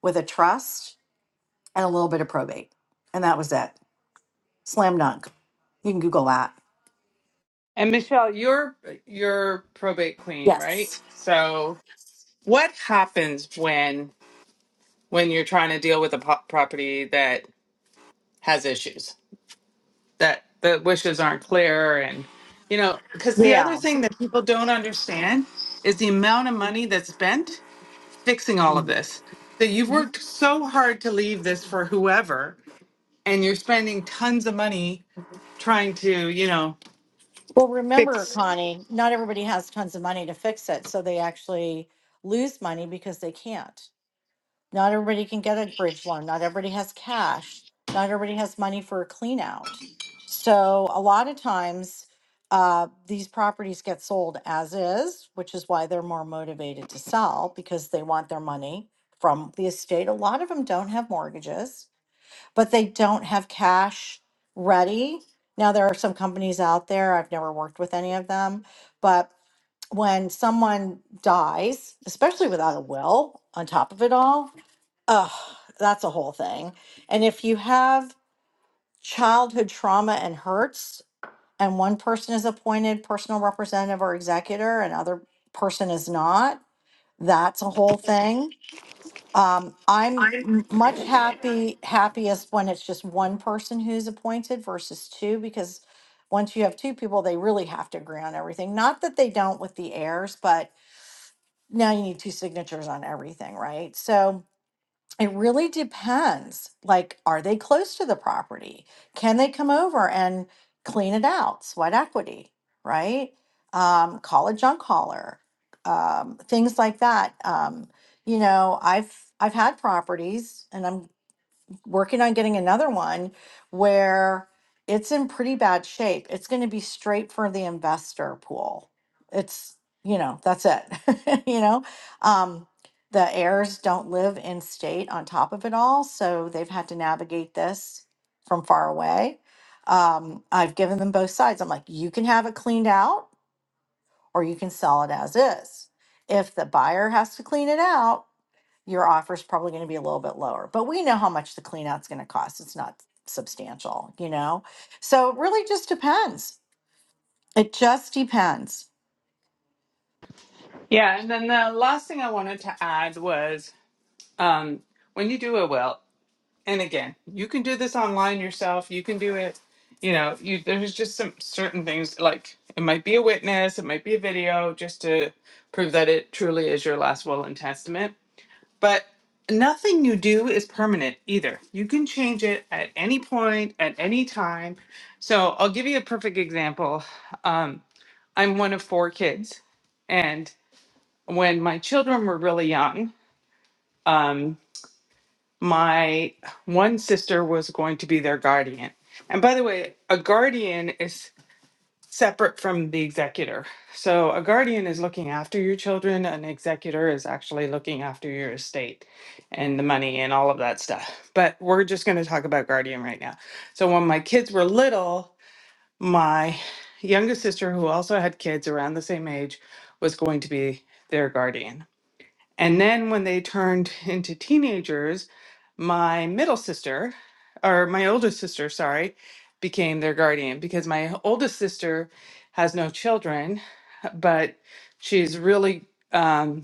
with a trust and a little bit of probate. And that was it. Slam dunk. You can Google that. And Michelle, you're you're probate queen, right? Yes. So what happens when when you're trying to deal with a po- property that has issues that the wishes aren't clear and you know because the other Yeah. thing that people don't understand is the amount of money that's spent fixing all of Well, this. So you've worked so hard to leave this for whoever and you're spending tons of money trying to, you know, remember, fix. Connie, not everybody has tons of money to fix it. So they actually lose money because they can't. Not everybody can get a bridge loan. Not everybody has cash. Not everybody has money for a clean out. So a lot of times, uh, these properties get sold as is, which is why they're more motivated to sell because they want their money from the estate. A lot of them don't have mortgages, but they don't have cash ready. Now, there are some companies out there, I've never worked with any of them, but when someone dies, especially without a will on top of it all, Oh, that's a whole thing. And if you have childhood trauma and hurts, and one person is appointed personal representative or executor, and other person is not, that's a whole thing. Um, I'm m- much happy happiest when it's just one person who's appointed versus two, because once you have two people, they really have to agree on everything. Not that they don't with the heirs, but now you need two signatures on everything, right? So It really depends. Like, are they close to the property? Can they come over and clean it out? Sweat equity, right? Um, call a junk hauler, um, things like that. Um, you know, I've I've had properties, and I'm working on getting another one where it's in pretty bad shape. It's going to be straight for the investor pool. It's, you know, that's it. you know, um, the heirs don't live in state on top of it all. So they've had to navigate this from far away. Um, I've given them both sides. I'm like, you can have it cleaned out or you can sell it as is. If the buyer has to clean it out, your offer is probably going to be a little bit lower. But we know how much the clean out's going to cost. It's not substantial, you know? So it really just depends. It just depends. Yeah. And then the last thing I wanted to add was um, when you do a will, and again, you can do this online yourself, you can do it, you know, you, there's just some certain things like it might be a witness, it might be a video just to prove that it truly is your last will and testament. But nothing you do is permanent either. You can change it at any point, at any time. So I'll give you a perfect example. Um, I'm one of four kids. And when my children were really young, um, my one sister was going to be their guardian. And by the way, a guardian is separate from the executor. So a guardian is looking after your children, an executor is actually looking after your estate and the money and all of that stuff. But we're just going to talk about guardian right now. So when my kids were little, my younger sister, who also had kids around the same age, was going to be their guardian. And then when they turned into teenagers, my middle sister, or my older sister, sorry, became their guardian because my oldest sister has no children, but she's really. um,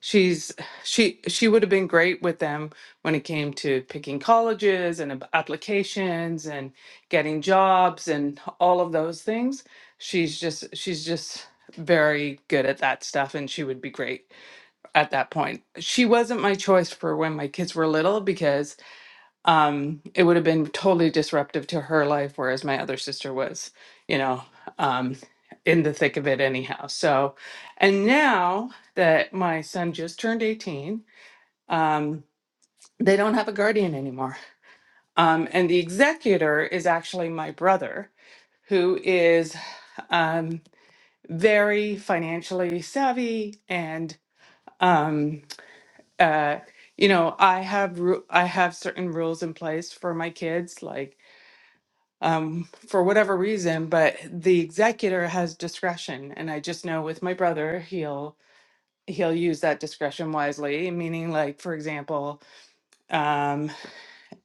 She's she she would have been great with them when it came to picking colleges and ab- applications and getting jobs and all of those things. She's just she's just very good at that stuff and she would be great at that point. She wasn't my choice for when my kids were little because um, it would have been totally disruptive to her life, whereas my other sister was, you know, um, in the thick of it anyhow. So, and now that my son just turned 18, um, they don't have a guardian anymore. Um, and the executor is actually my brother, who is um, very financially savvy and, um, uh, you know, I have ru- I have certain rules in place for my kids, like um, for whatever reason, but the executor has discretion. And I just know with my brother, he'll he'll use that discretion wisely, meaning like, for example, um,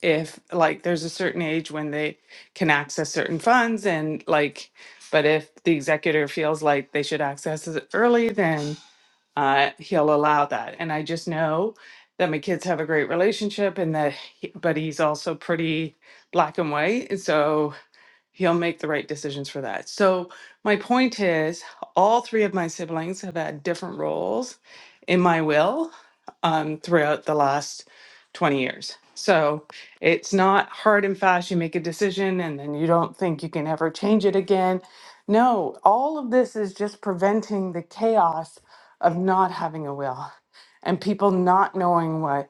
if like there's a certain age when they can access certain funds and like, but if the executor feels like they should access it early, then uh, he'll allow that. And I just know that my kids have a great relationship and that, he, but he's also pretty black and white. And so he'll make the right decisions for that. So my point is, all three of my siblings have had different roles in my will um, throughout the last 20 years. So it's not hard and fast. You make a decision and then you don't think you can ever change it again. No, all of this is just preventing the chaos of not having a will and people not knowing what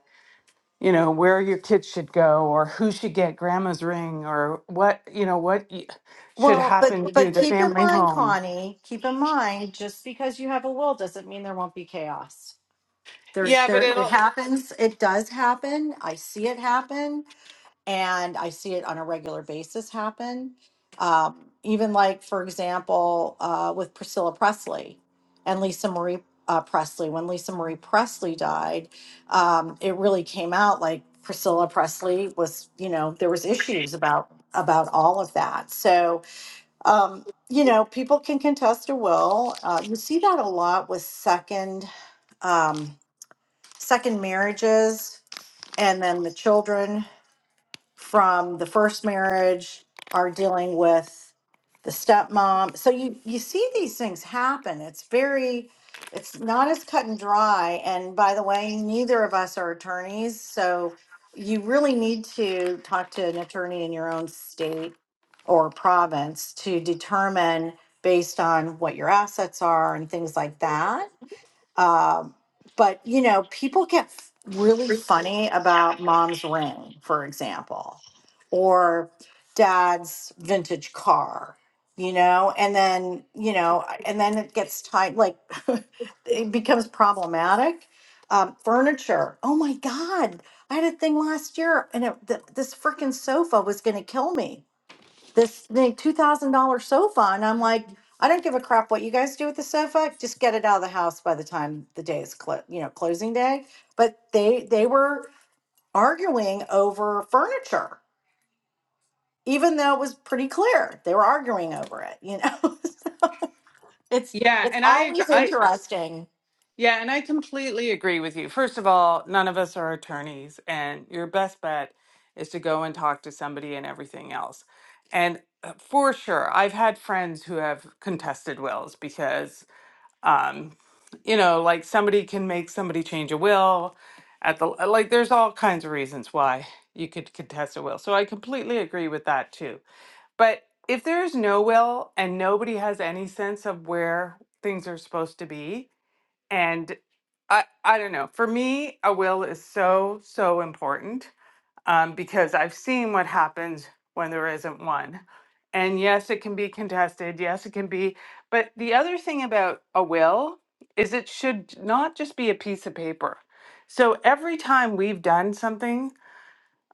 you know where your kids should go or who should get grandma's ring or what you know what y- should Well, happen but to but the keep in family mind, home Connie, keep in mind just because you have a will doesn't mean there won't be chaos. There's yeah but there it it'll happens. It does happen. I see it happen. and I see it on a regular basis happen. Um, even like, for example, uh, with Priscilla Presley and Lisa Marie uh, Presley. When Lisa Marie Presley died, um, it really came out like Priscilla Presley was, you know, there was issues about about all of that. So, um, you know, people can contest a will. Uh, you see that a lot with second um, second marriages, and then the children from the first marriage are dealing with the stepmom. So you you see these things happen. It's very it's not as cut and dry. And by the way, neither of us are attorneys, so you really need to talk to an attorney in your own state or province to determine based on what your assets are and things like that um, but you know, people get f- really funny about mom's ring, for example, or dad's vintage car, you know, and then, you know, and then it gets tight, like it becomes problematic. Um, furniture. Oh my God. I had a thing last year and it, th- this freaking sofa was going to kill me this the two thousand dollar sofa, and I'm like, I don't give a crap what you guys do with the sofa. Just get it out of the house by the time the day is clo- you know closing day. But they they were arguing over furniture, even though it was pretty clear they were arguing over it. You know, so it's yeah it's and i always i interesting. yeah and i completely agree with you first of all none of us are attorneys and your best bet is to go and talk to somebody and everything else and uh, for sure i've had friends who have contested wills because um, you know, like somebody can make somebody change a will at the uh, like there's all kinds of reasons why you could contest a will. So I completely agree with that too. But if there's no will and nobody has any sense of where things are supposed to be and I I don't know. For me, a will is so so important um, because I've seen what happens when there isn't one. And yes, it can be contested. Yes, it can be. But the other thing about a will is it should not just be a piece of paper. So every time we've done something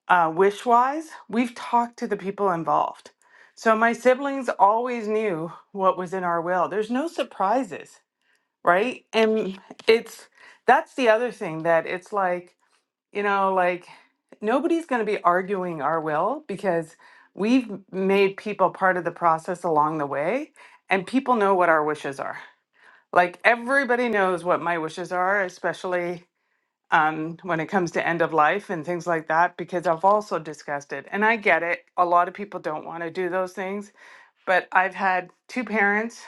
uh, wish wise, we've talked to the people involved. So my siblings always knew what was in our will. There's no surprises, right? And it's that's the other thing that it's like you know, like nobody's going to be arguing our will because we've made people part of the process along the way and people know what our wishes are. Like everybody knows what my wishes are, especially um, when it comes to end of life and things like that, because I've also discussed it. And I get it. A lot of people don't want to do those things, but I've had two parents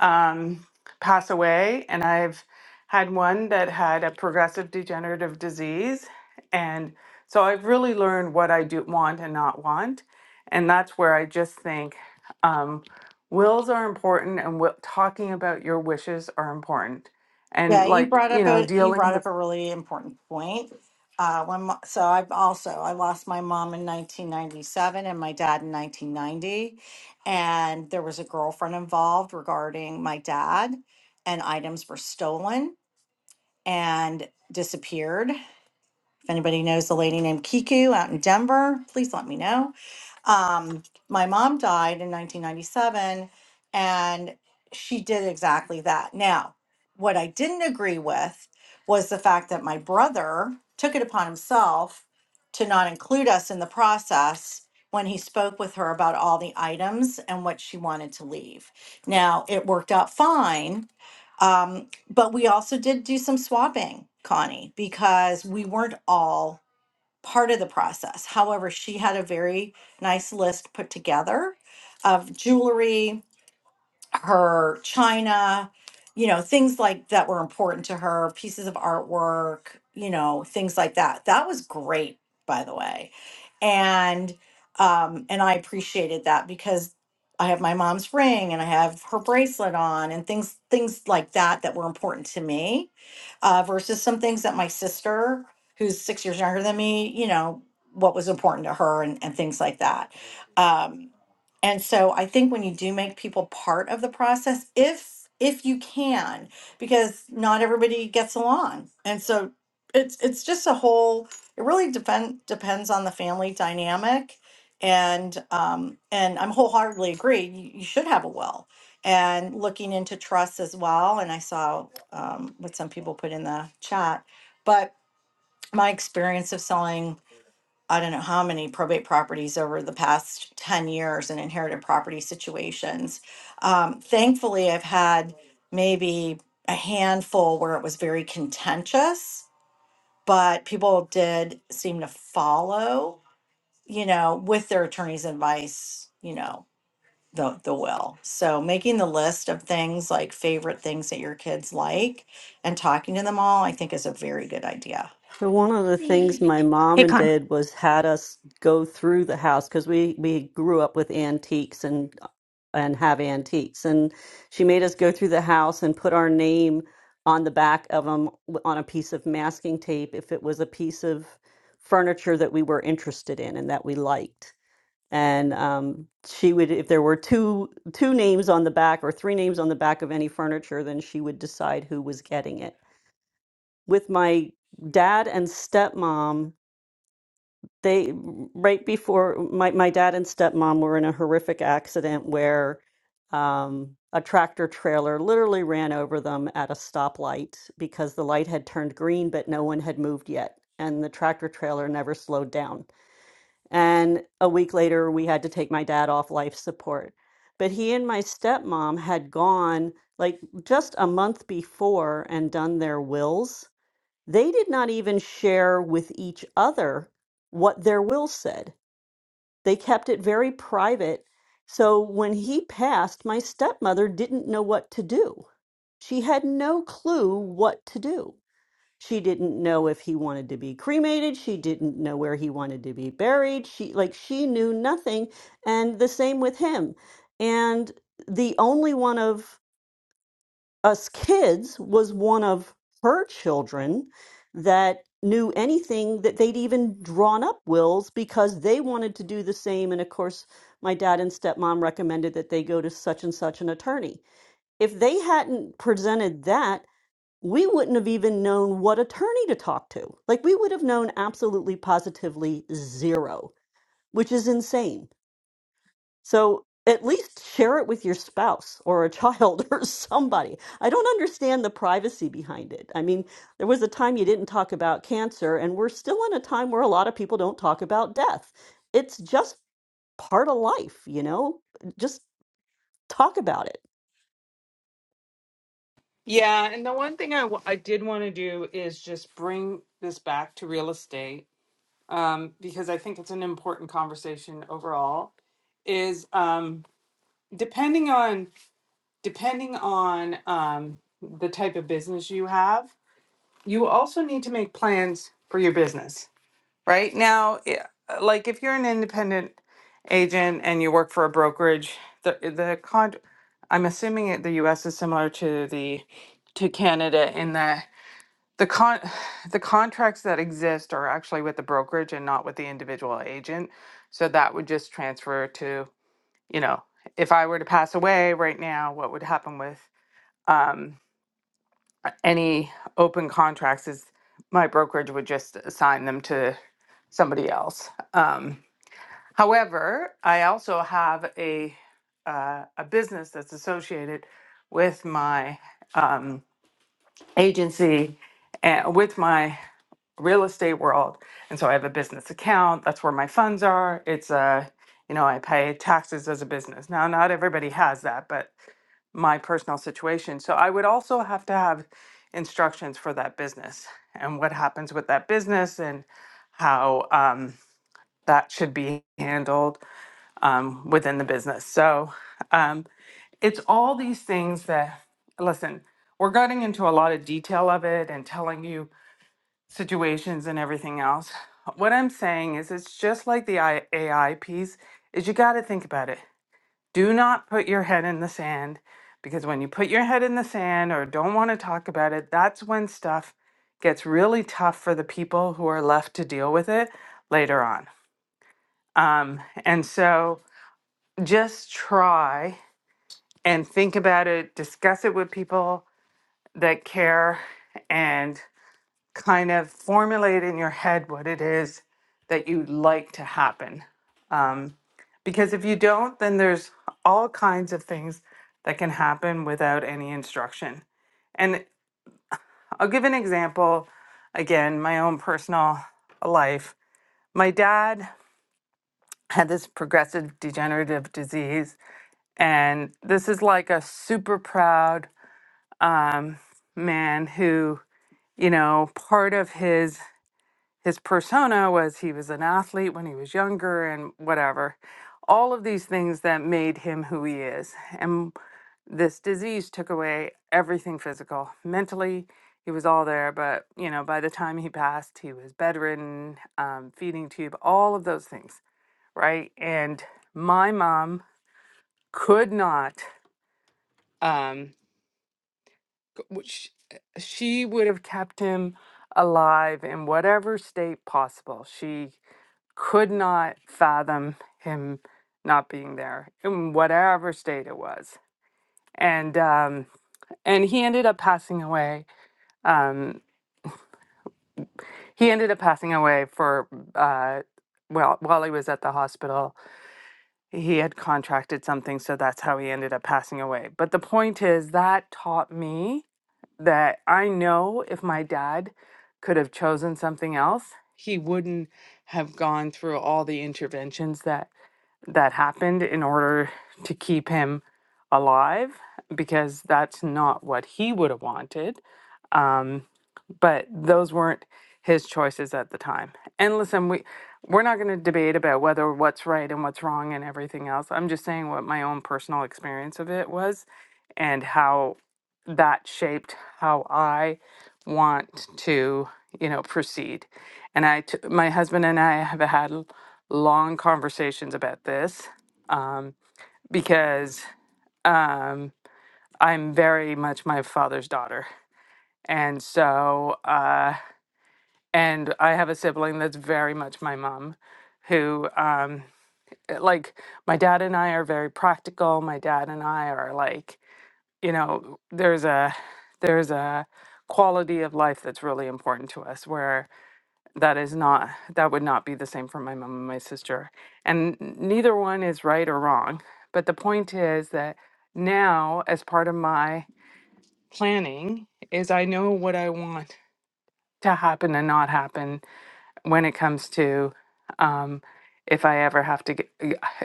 um, pass away, and I've had one that had a progressive degenerative disease. And so I've really learned what I do want and not want. And that's where I just think um, wills are important and wi- talking about your wishes are important. And Yeah, you like, brought you up know, a you dealing brought up with, a really important point. Uh, when mo- so I've also I lost my mom in 1997 and my dad in 1990, and there was a girlfriend involved regarding my dad, and items were stolen and disappeared. If anybody knows the lady named Kiku out in Denver, please let me know. Um, my mom died in 1997, and she did exactly that. Now, what I didn't agree with was the fact that my brother took it upon himself to not include us in the process when he spoke with her about all the items and what she wanted to leave. Now, it worked out fine. Um, but we also did do some swapping, Connie, because we weren't all part of the process. However, she had a very nice list put together of jewelry, her china, you know, things like that were important to her, pieces of artwork, you know, things like that. That was great, by the way. And um and I appreciated that because I have my mom's ring and I have her bracelet on and things things like that that were important to me uh versus some things that my sister who's 6 years younger than me, you know, what was important to her and and things like that. Um and so I think when you do make people part of the process, if if you can, because not everybody gets along. And so it's it's just a whole it really depend depends on the family dynamic. And um and I'm wholeheartedly agree, you, you should have a will. And looking into trust as well. And I saw um what some people put in the chat. But my experience of selling I don't know how many probate properties over the past 10 years in inherited property situations. Um, thankfully, I've had maybe a handful where it was very contentious, but people did seem to follow, you know, with their attorney's advice, you know, the, the will. So making the list of things like favorite things that your kids like and talking to them all, I think is a very good idea. So one of the things my mom Hey and Con. dad was had us go through the house because we we grew up with antiques and and have antiques and she made us go through the house and put our name on the back of them on a piece of masking tape if it was a piece of furniture that we were interested in and that we liked and um, she would if there were two two names on the back or three names on the back of any furniture then she would decide who was getting it with my dad and stepmom. They right before my my dad and stepmom were in a horrific accident where um, a tractor trailer literally ran over them at a stoplight because the light had turned green, but no one had moved yet, and the tractor trailer never slowed down. And a week later, we had to take my dad off life support. But he and my stepmom had gone like just a month before and done their wills they did not even share with each other what their will said. They kept it very private. So when he passed, my stepmother didn't know what to do. She had no clue what to do. She didn't know if he wanted to be cremated. She didn't know where he wanted to be buried. She, like, she knew nothing. And the same with him. And the only one of us kids was one of her children that knew anything that they'd even drawn up wills because they wanted to do the same and of course my dad and stepmom recommended that they go to such and such an attorney if they hadn't presented that we wouldn't have even known what attorney to talk to like we would have known absolutely positively zero which is insane so at least share it with your spouse or a child or somebody. I don't understand the privacy behind it. I mean, there was a time you didn't talk about cancer, and we're still in a time where a lot of people don't talk about death. It's just part of life, you know? Just Talk about it. Yeah, and the one thing I w- I did want to do is just bring this back to real estate um, because I think it's an important conversation overall. Is um, depending on depending on um, the type of business you have, you also need to make plans for your business. Right now, i- like if you're an independent agent and you work for a brokerage, the the con I'm assuming it, the U.S. is similar to the to Canada in that the con the contracts that exist are actually with the brokerage and not with the individual agent. So that would just transfer to, you know, if I were to pass away right now, what would happen with um, any open contracts is my brokerage would just assign them to somebody else. Um, however, I also have a uh, a business that's associated with my um, agency, uh, with my real estate world. And so I have a business account. That's where my funds are. It's uh, you know, I pay taxes as a business. Now, not everybody has that, but my personal situation. So I would also have to have instructions for that business and what happens with that business and how um, that should be handled um, within the business. So um, it's all these things that, listen, we're getting into a lot of detail of it and telling you situations and everything else. What I'm saying is it's just like the I- AI piece is you got to think about it. Do not put your head in the sand because when you put your head in the sand or don't want to talk about it, that's when stuff gets really tough for the people who are left to deal with it later on. Um, and so just try and think about it, discuss it with people that care And kind of formulate in your head what it is that you'd like to happen. Um, because if you don't, then there's all kinds of things that can happen without any instruction. And I'll give an example again, my own personal life. My dad had this progressive degenerative disease, and this is like a super proud um, man who, you know, part of his his persona was he was an athlete when he was younger and whatever. All of these things that made him who he is. And this disease took away everything physical. Mentally, he was all there, but you know, by the time he passed, he was bedridden, um, feeding tube, all of those things, right? And my mom could not, um, c- w- sh- she would have kept him alive in whatever state possible. She could not fathom him not being there in whatever state it was. And um, and he ended up passing away. Um, he ended up passing away for uh, well while he was at the hospital. He had contracted something, so that's how he ended up passing away. But the point is that taught me that I know if my dad could have chosen something else, he wouldn't have gone through all the interventions that that happened in order to keep him alive because that's not what he would have wanted. Um, but those weren't his choices at the time. And listen, we we're not going to debate about whether what's right and what's wrong and everything else. I'm just saying what my own personal experience of it was and how that shaped how I want to, you know, proceed. And I t- my husband and I have had l- long conversations about this um because um I'm very much my father's daughter. And so, uh and I have a sibling that's very much my mom, who um eh, like my dad and I are very practical. My dad and I are like, you know, there's a there's a quality of life that's really important to us where that is not that would not be the same for my mom and my sister. And neither one is right or wrong, but the point is that now as part of my planning is I know what I want to happen and not happen when it comes to um, if I ever have to get,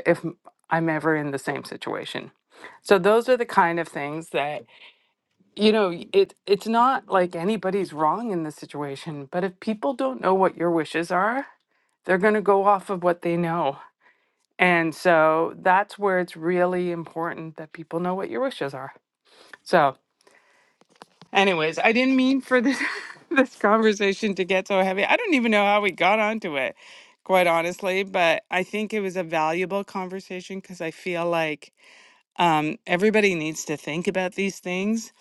if I'm ever in the same situation. So those are the kind of things that you know. It it's not like anybody's wrong in the situation, but if people don't know what your wishes are, they're going to go off of what they know. And so that's where it's really important that people know what your wishes are. So Anyways, I didn't mean for this this conversation to get so heavy. I don't even know how we got onto it, quite honestly, but I think it was a valuable conversation because I feel like um, everybody needs to think about these things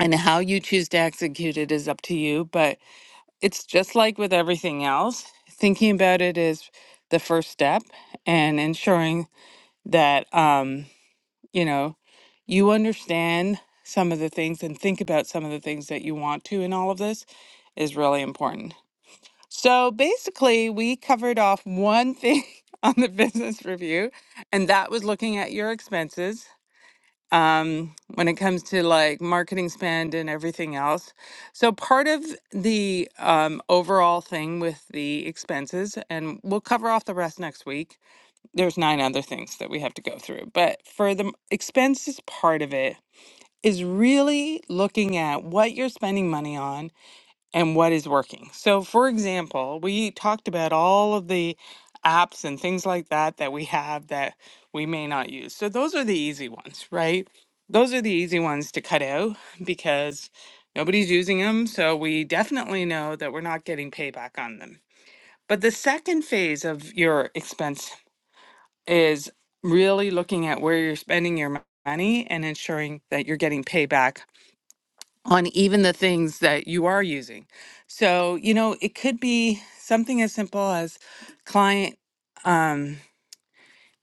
and how you choose to execute it is up to you. But it's just like with everything else, thinking about it is the first step and ensuring that. Um, you know you understand some of the things and think about some of the things that you want to in all of this is really important so basically we covered off one thing on the business review and that was looking at your expenses um, when it comes to like marketing spend and everything else so part of the um, overall thing with the expenses and we'll cover off the rest next week there's nine other things that we have to go through but for the m- expenses part of it is really looking at what you're spending money on and what is working so for example we talked about all of the apps and things like that that we have that we may not use so those are the easy ones right those are the easy ones to cut out because nobody's using them so we definitely know that we're not getting payback on them but the second phase of your expense is really looking at where you're spending your mo- money and ensuring that you're getting payback on even the things that you are using. So, you know, it could be something as simple as client um,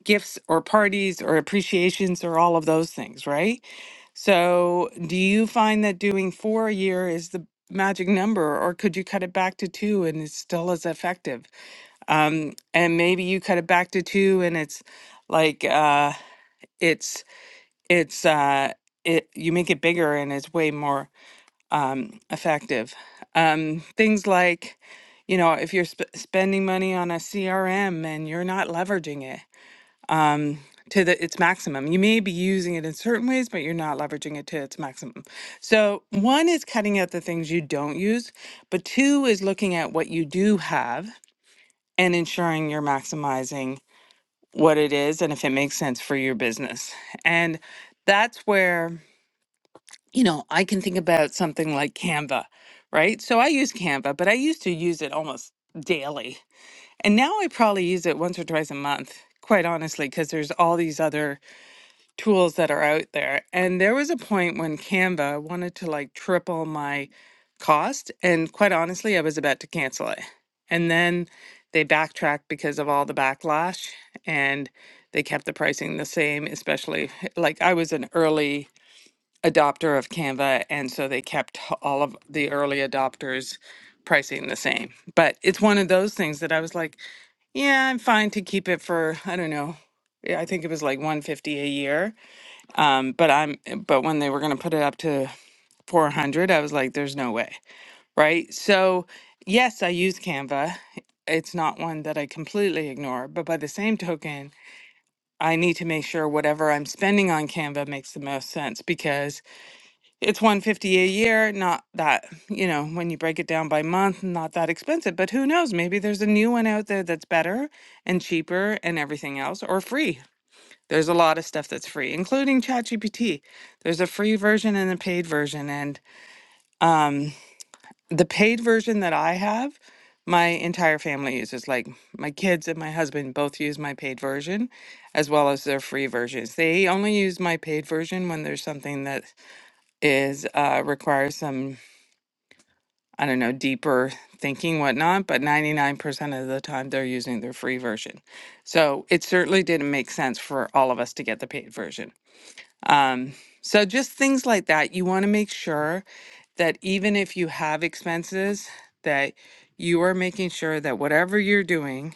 gifts or parties or appreciations or all of those things, right? So, do you find that doing four a year is the magic number, or could you cut it back to two and it's still as effective? Um, and maybe you cut it back to two and it's like, uh, it's uh it you make it bigger and it's way more um effective um things like you know if you're sp- spending money on a crm and you're not leveraging it um to the its maximum you may be using it in certain ways but you're not leveraging it to its maximum so one is cutting out the things you don't use but two is looking at what you do have and ensuring you're maximizing what it is and if it makes sense for your business and that's where you know, I can think about something like Canva, right? So I use Canva, but I used to use it almost daily. And now I probably use it once or twice a month, quite honestly, because there's all these other tools that are out there. And there was a point when Canva wanted to like triple my cost. And quite honestly, I was about to cancel it. And then they backtracked because of all the backlash and they kept the pricing the same, especially like I was an early adopter of Canva, and so they kept all of the early adopters pricing the same. But it's one of those things that I was like, yeah, I'm fine to keep it for I don't know. yeah, I think it was like 150 a year. Um, but I'm but when they were going to put it up to 400, I was like, there's no way, right? So yes, I use Canva. It's not one that I completely ignore, but by the same token, I need to make sure whatever I'm spending on Canva makes the most sense because it's 150 a year not that you know when you break it down by month not that expensive but who knows maybe there's a new one out there that's better and cheaper and everything else or free there's a lot of stuff that's free including chatgpt there's a free version and a paid version and um, the paid version that i have my entire family uses like my kids and my husband both use my paid version as well as their free versions they only use my paid version when there's something that is uh, requires some I don't know, deeper thinking, whatnot, but 99% of the time they're using their free version. So it certainly didn't make sense for all of us to get the paid version. Um, so just things like that, you want to make sure that even if you have expenses, that you are making sure that whatever you're doing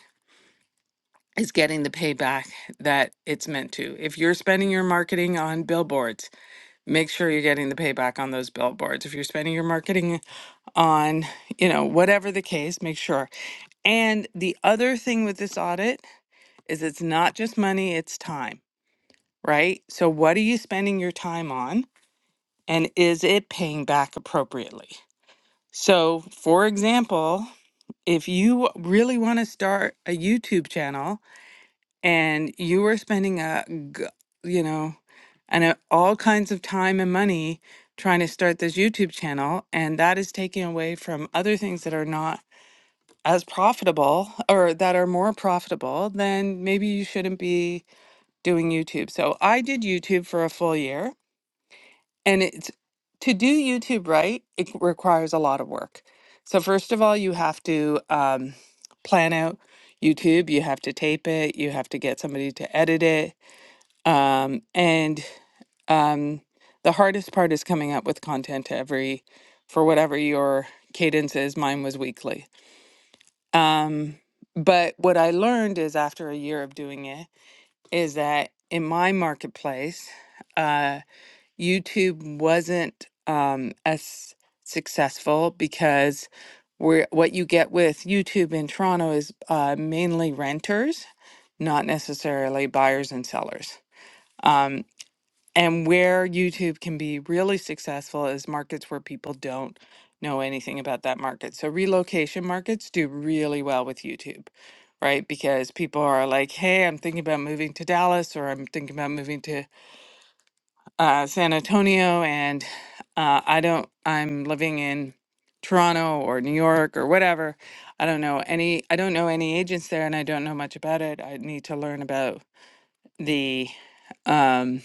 is getting the payback that it's meant to. If you're spending your marketing on billboards, make sure you're getting the payback on those billboards. If you're spending your marketing on, you know, whatever the case, make sure. And the other thing with this audit is it's not just money, it's time, right? So what are you spending your time on and is it paying back appropriately? So, for example, if you really want to start a YouTube channel and you are spending a g- you know, and uh, all kinds of time and money trying to start this YouTube channel and that is taken away from other things that are not as profitable or that are more profitable, then maybe you shouldn't be doing YouTube. So I did YouTube for a full year, and it's to do YouTube right, it requires a lot of work. So, first of all, you have to um, plan out YouTube, you have to tape it, you have to get somebody to edit it. Um, and um, the hardest part is coming up with content every for whatever your cadence is. Mine was weekly. Um, but what I learned is after a year of doing it is that in my marketplace, uh, YouTube wasn't um, as successful because we're, what you get with YouTube in Toronto is uh, mainly renters, not necessarily buyers and sellers. Um, and where YouTube can be really successful is markets where people don't know anything about that market. So relocation markets do really well with YouTube, right? Because people are like, hey, I'm thinking about moving to Dallas or I'm thinking about moving to uh, San Antonio and uh, I don't, I'm living in Toronto or New York or whatever. I don't know any, I don't know any agents there and I don't know much about it. I need to learn about the, um,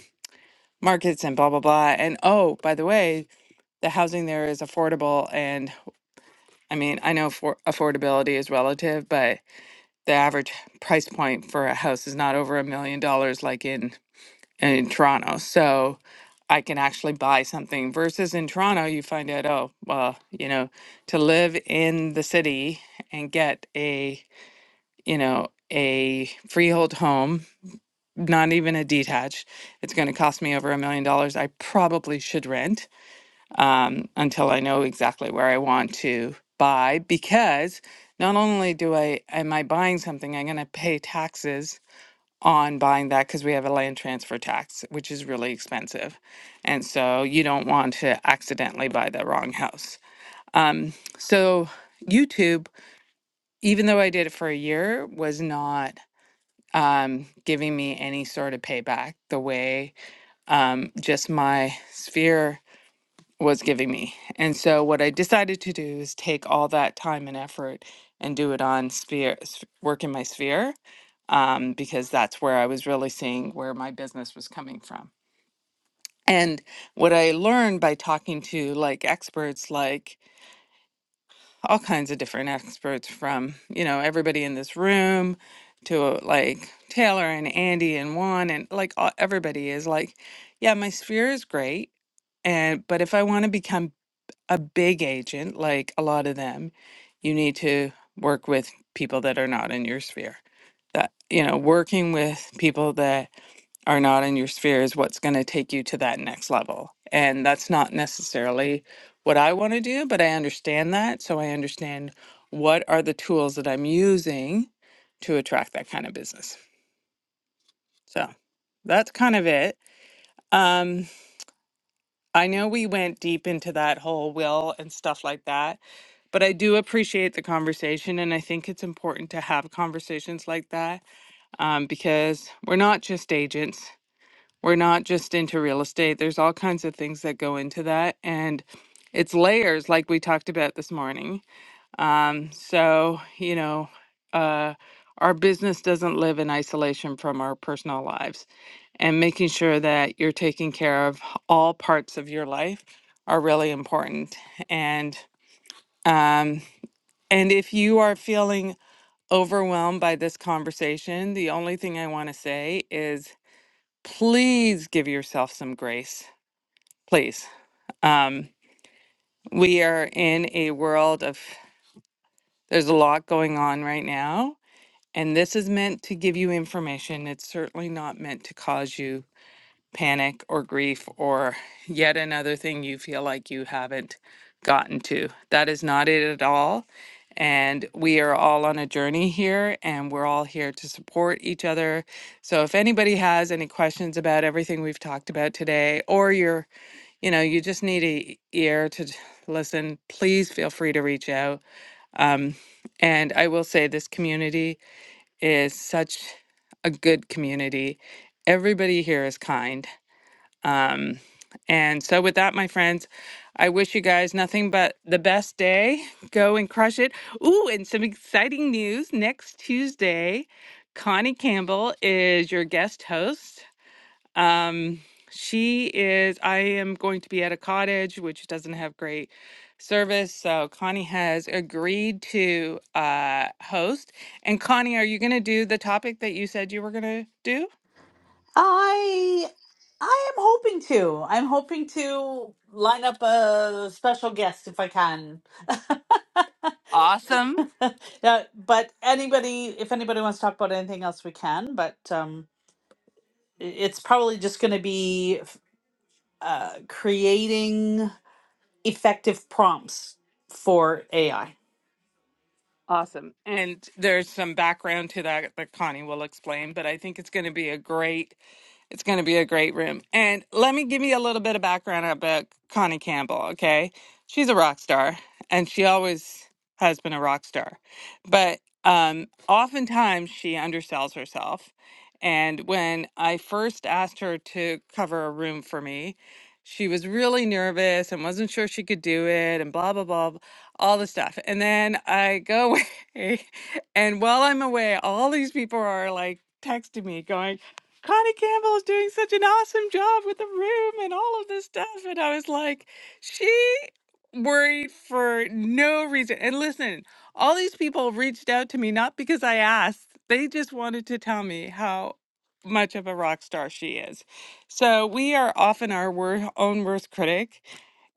markets and blah blah blah. And oh, by the way, the housing there is affordable and I mean, I know for affordability is relative, but the average price point for a house is not over a million dollars like in in Toronto. So I can actually buy something versus in Toronto you find out oh, well, you know, to live in the city and get a, you know, a freehold home not even a detached. It's going to cost me over a million dollars. I probably should rent um, until I know exactly where I want to buy because not only do I am I buying something, I'm going to pay taxes on buying that because we have a land transfer tax, which is really expensive, and so you don't want to accidentally buy the wrong house. Um, so YouTube, even though I did it for a year, was not um, giving me any sort of payback the way um, just my sphere was giving me. And so what I decided to do is take all that time and effort and do it on sphere s- work in my sphere um, because that's where I was really seeing where my business was coming from. And what I learned by talking to like experts, like all kinds of different experts from, you know, everybody in this room to uh, like Taylor and Andy and Juan and like all, everybody is like, yeah, my sphere is great. And but if I want to become a big agent, like a lot of them, you need to work with people that are not in your sphere. That, you know, working with people that are not in your sphere is what's going to take you to that next level. And that's not necessarily what I want to do, but I understand that. So I understand what are the tools that I'm using to attract that kind of business. So that's kind of it. Um, I know we went deep into that whole will and stuff like that but I do appreciate the conversation, and I think it's important to have conversations like that um, because we're not just agents. We're not just into real estate. There's all kinds of things that go into that, and it's layers, like we talked about this morning. Um, so you know, uh, our business doesn't live in isolation from our personal lives, and making sure that you're taking care of all parts of your life are really important. And um, and if you are feeling overwhelmed by this conversation, the only thing I want to say is please give yourself some grace. Please. Um, we are in a world of, there's a lot going on right now. And this is meant to give you information. It's certainly not meant to cause you panic or grief or yet another thing you feel like you haven't gotten to. That is not it at all. And we are all on a journey here and we're all here to support each other. So if anybody has any questions about everything we've talked about today or you're, you know, you just need a ear to j- listen, please feel free to reach out. Um, and I will say this community is such a good community. Everybody here is kind um, and so, with that, my friends, I wish you guys nothing but the best day. Go and crush it. Ooh, and some exciting news next Tuesday, Connie Campbell is your guest host. Um, she is, I am going to be at a cottage which doesn't have great service. So, Connie has agreed to uh, host. And, Connie, are you going to do the topic that you said you were going to do? I I am hoping to. I'm hoping to line up a special guest if I can. Awesome. yeah, but anybody, if anybody wants to talk about anything else, we can. But um, i- it's probably just going to be f- uh, creating effective prompts for AI. Awesome. And there's some background to that that Connie will explain, but I think it's going to be a great it's going to be a great room. And let me give you a little bit of background about Connie Campbell, okay? She's a rock star and she always has been a rock star. But um oftentimes she undersells herself. And when I first asked her to cover a room for me, she was really nervous and wasn't sure she could do it and blah blah blah blah all the stuff. And then I go Hey, and while I'm away, all these people are like texting me, going, Connie Campbell is doing such an awesome job with the room and all of this stuff. And I was like, she worried for no reason. And listen, all these people reached out to me not because I asked, they just wanted to tell me how much of a rock star she is. So we are often our wor- own worst critic.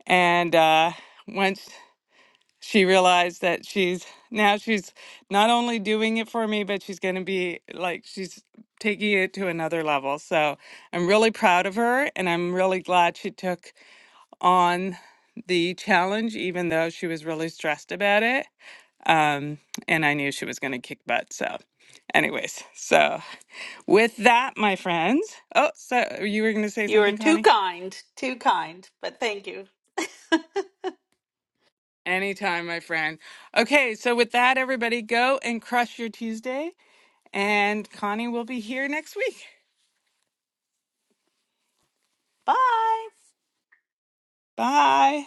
And uh, once she realized that she's now she's not only doing it for me, but she's going to be like she's taking it to another level. So I'm really proud of her and I'm really glad she took on the challenge, even though she was really stressed about it. Um, and I knew she was going to kick butt. So, anyways, so with that, my friends. Oh, so you were going to say You are something, too Connie? kind, too kind. But thank you. Anytime, my friend. Okay, so with that, everybody, go and crush your Tuesday. And Connie will be here next week. Bye. Bye.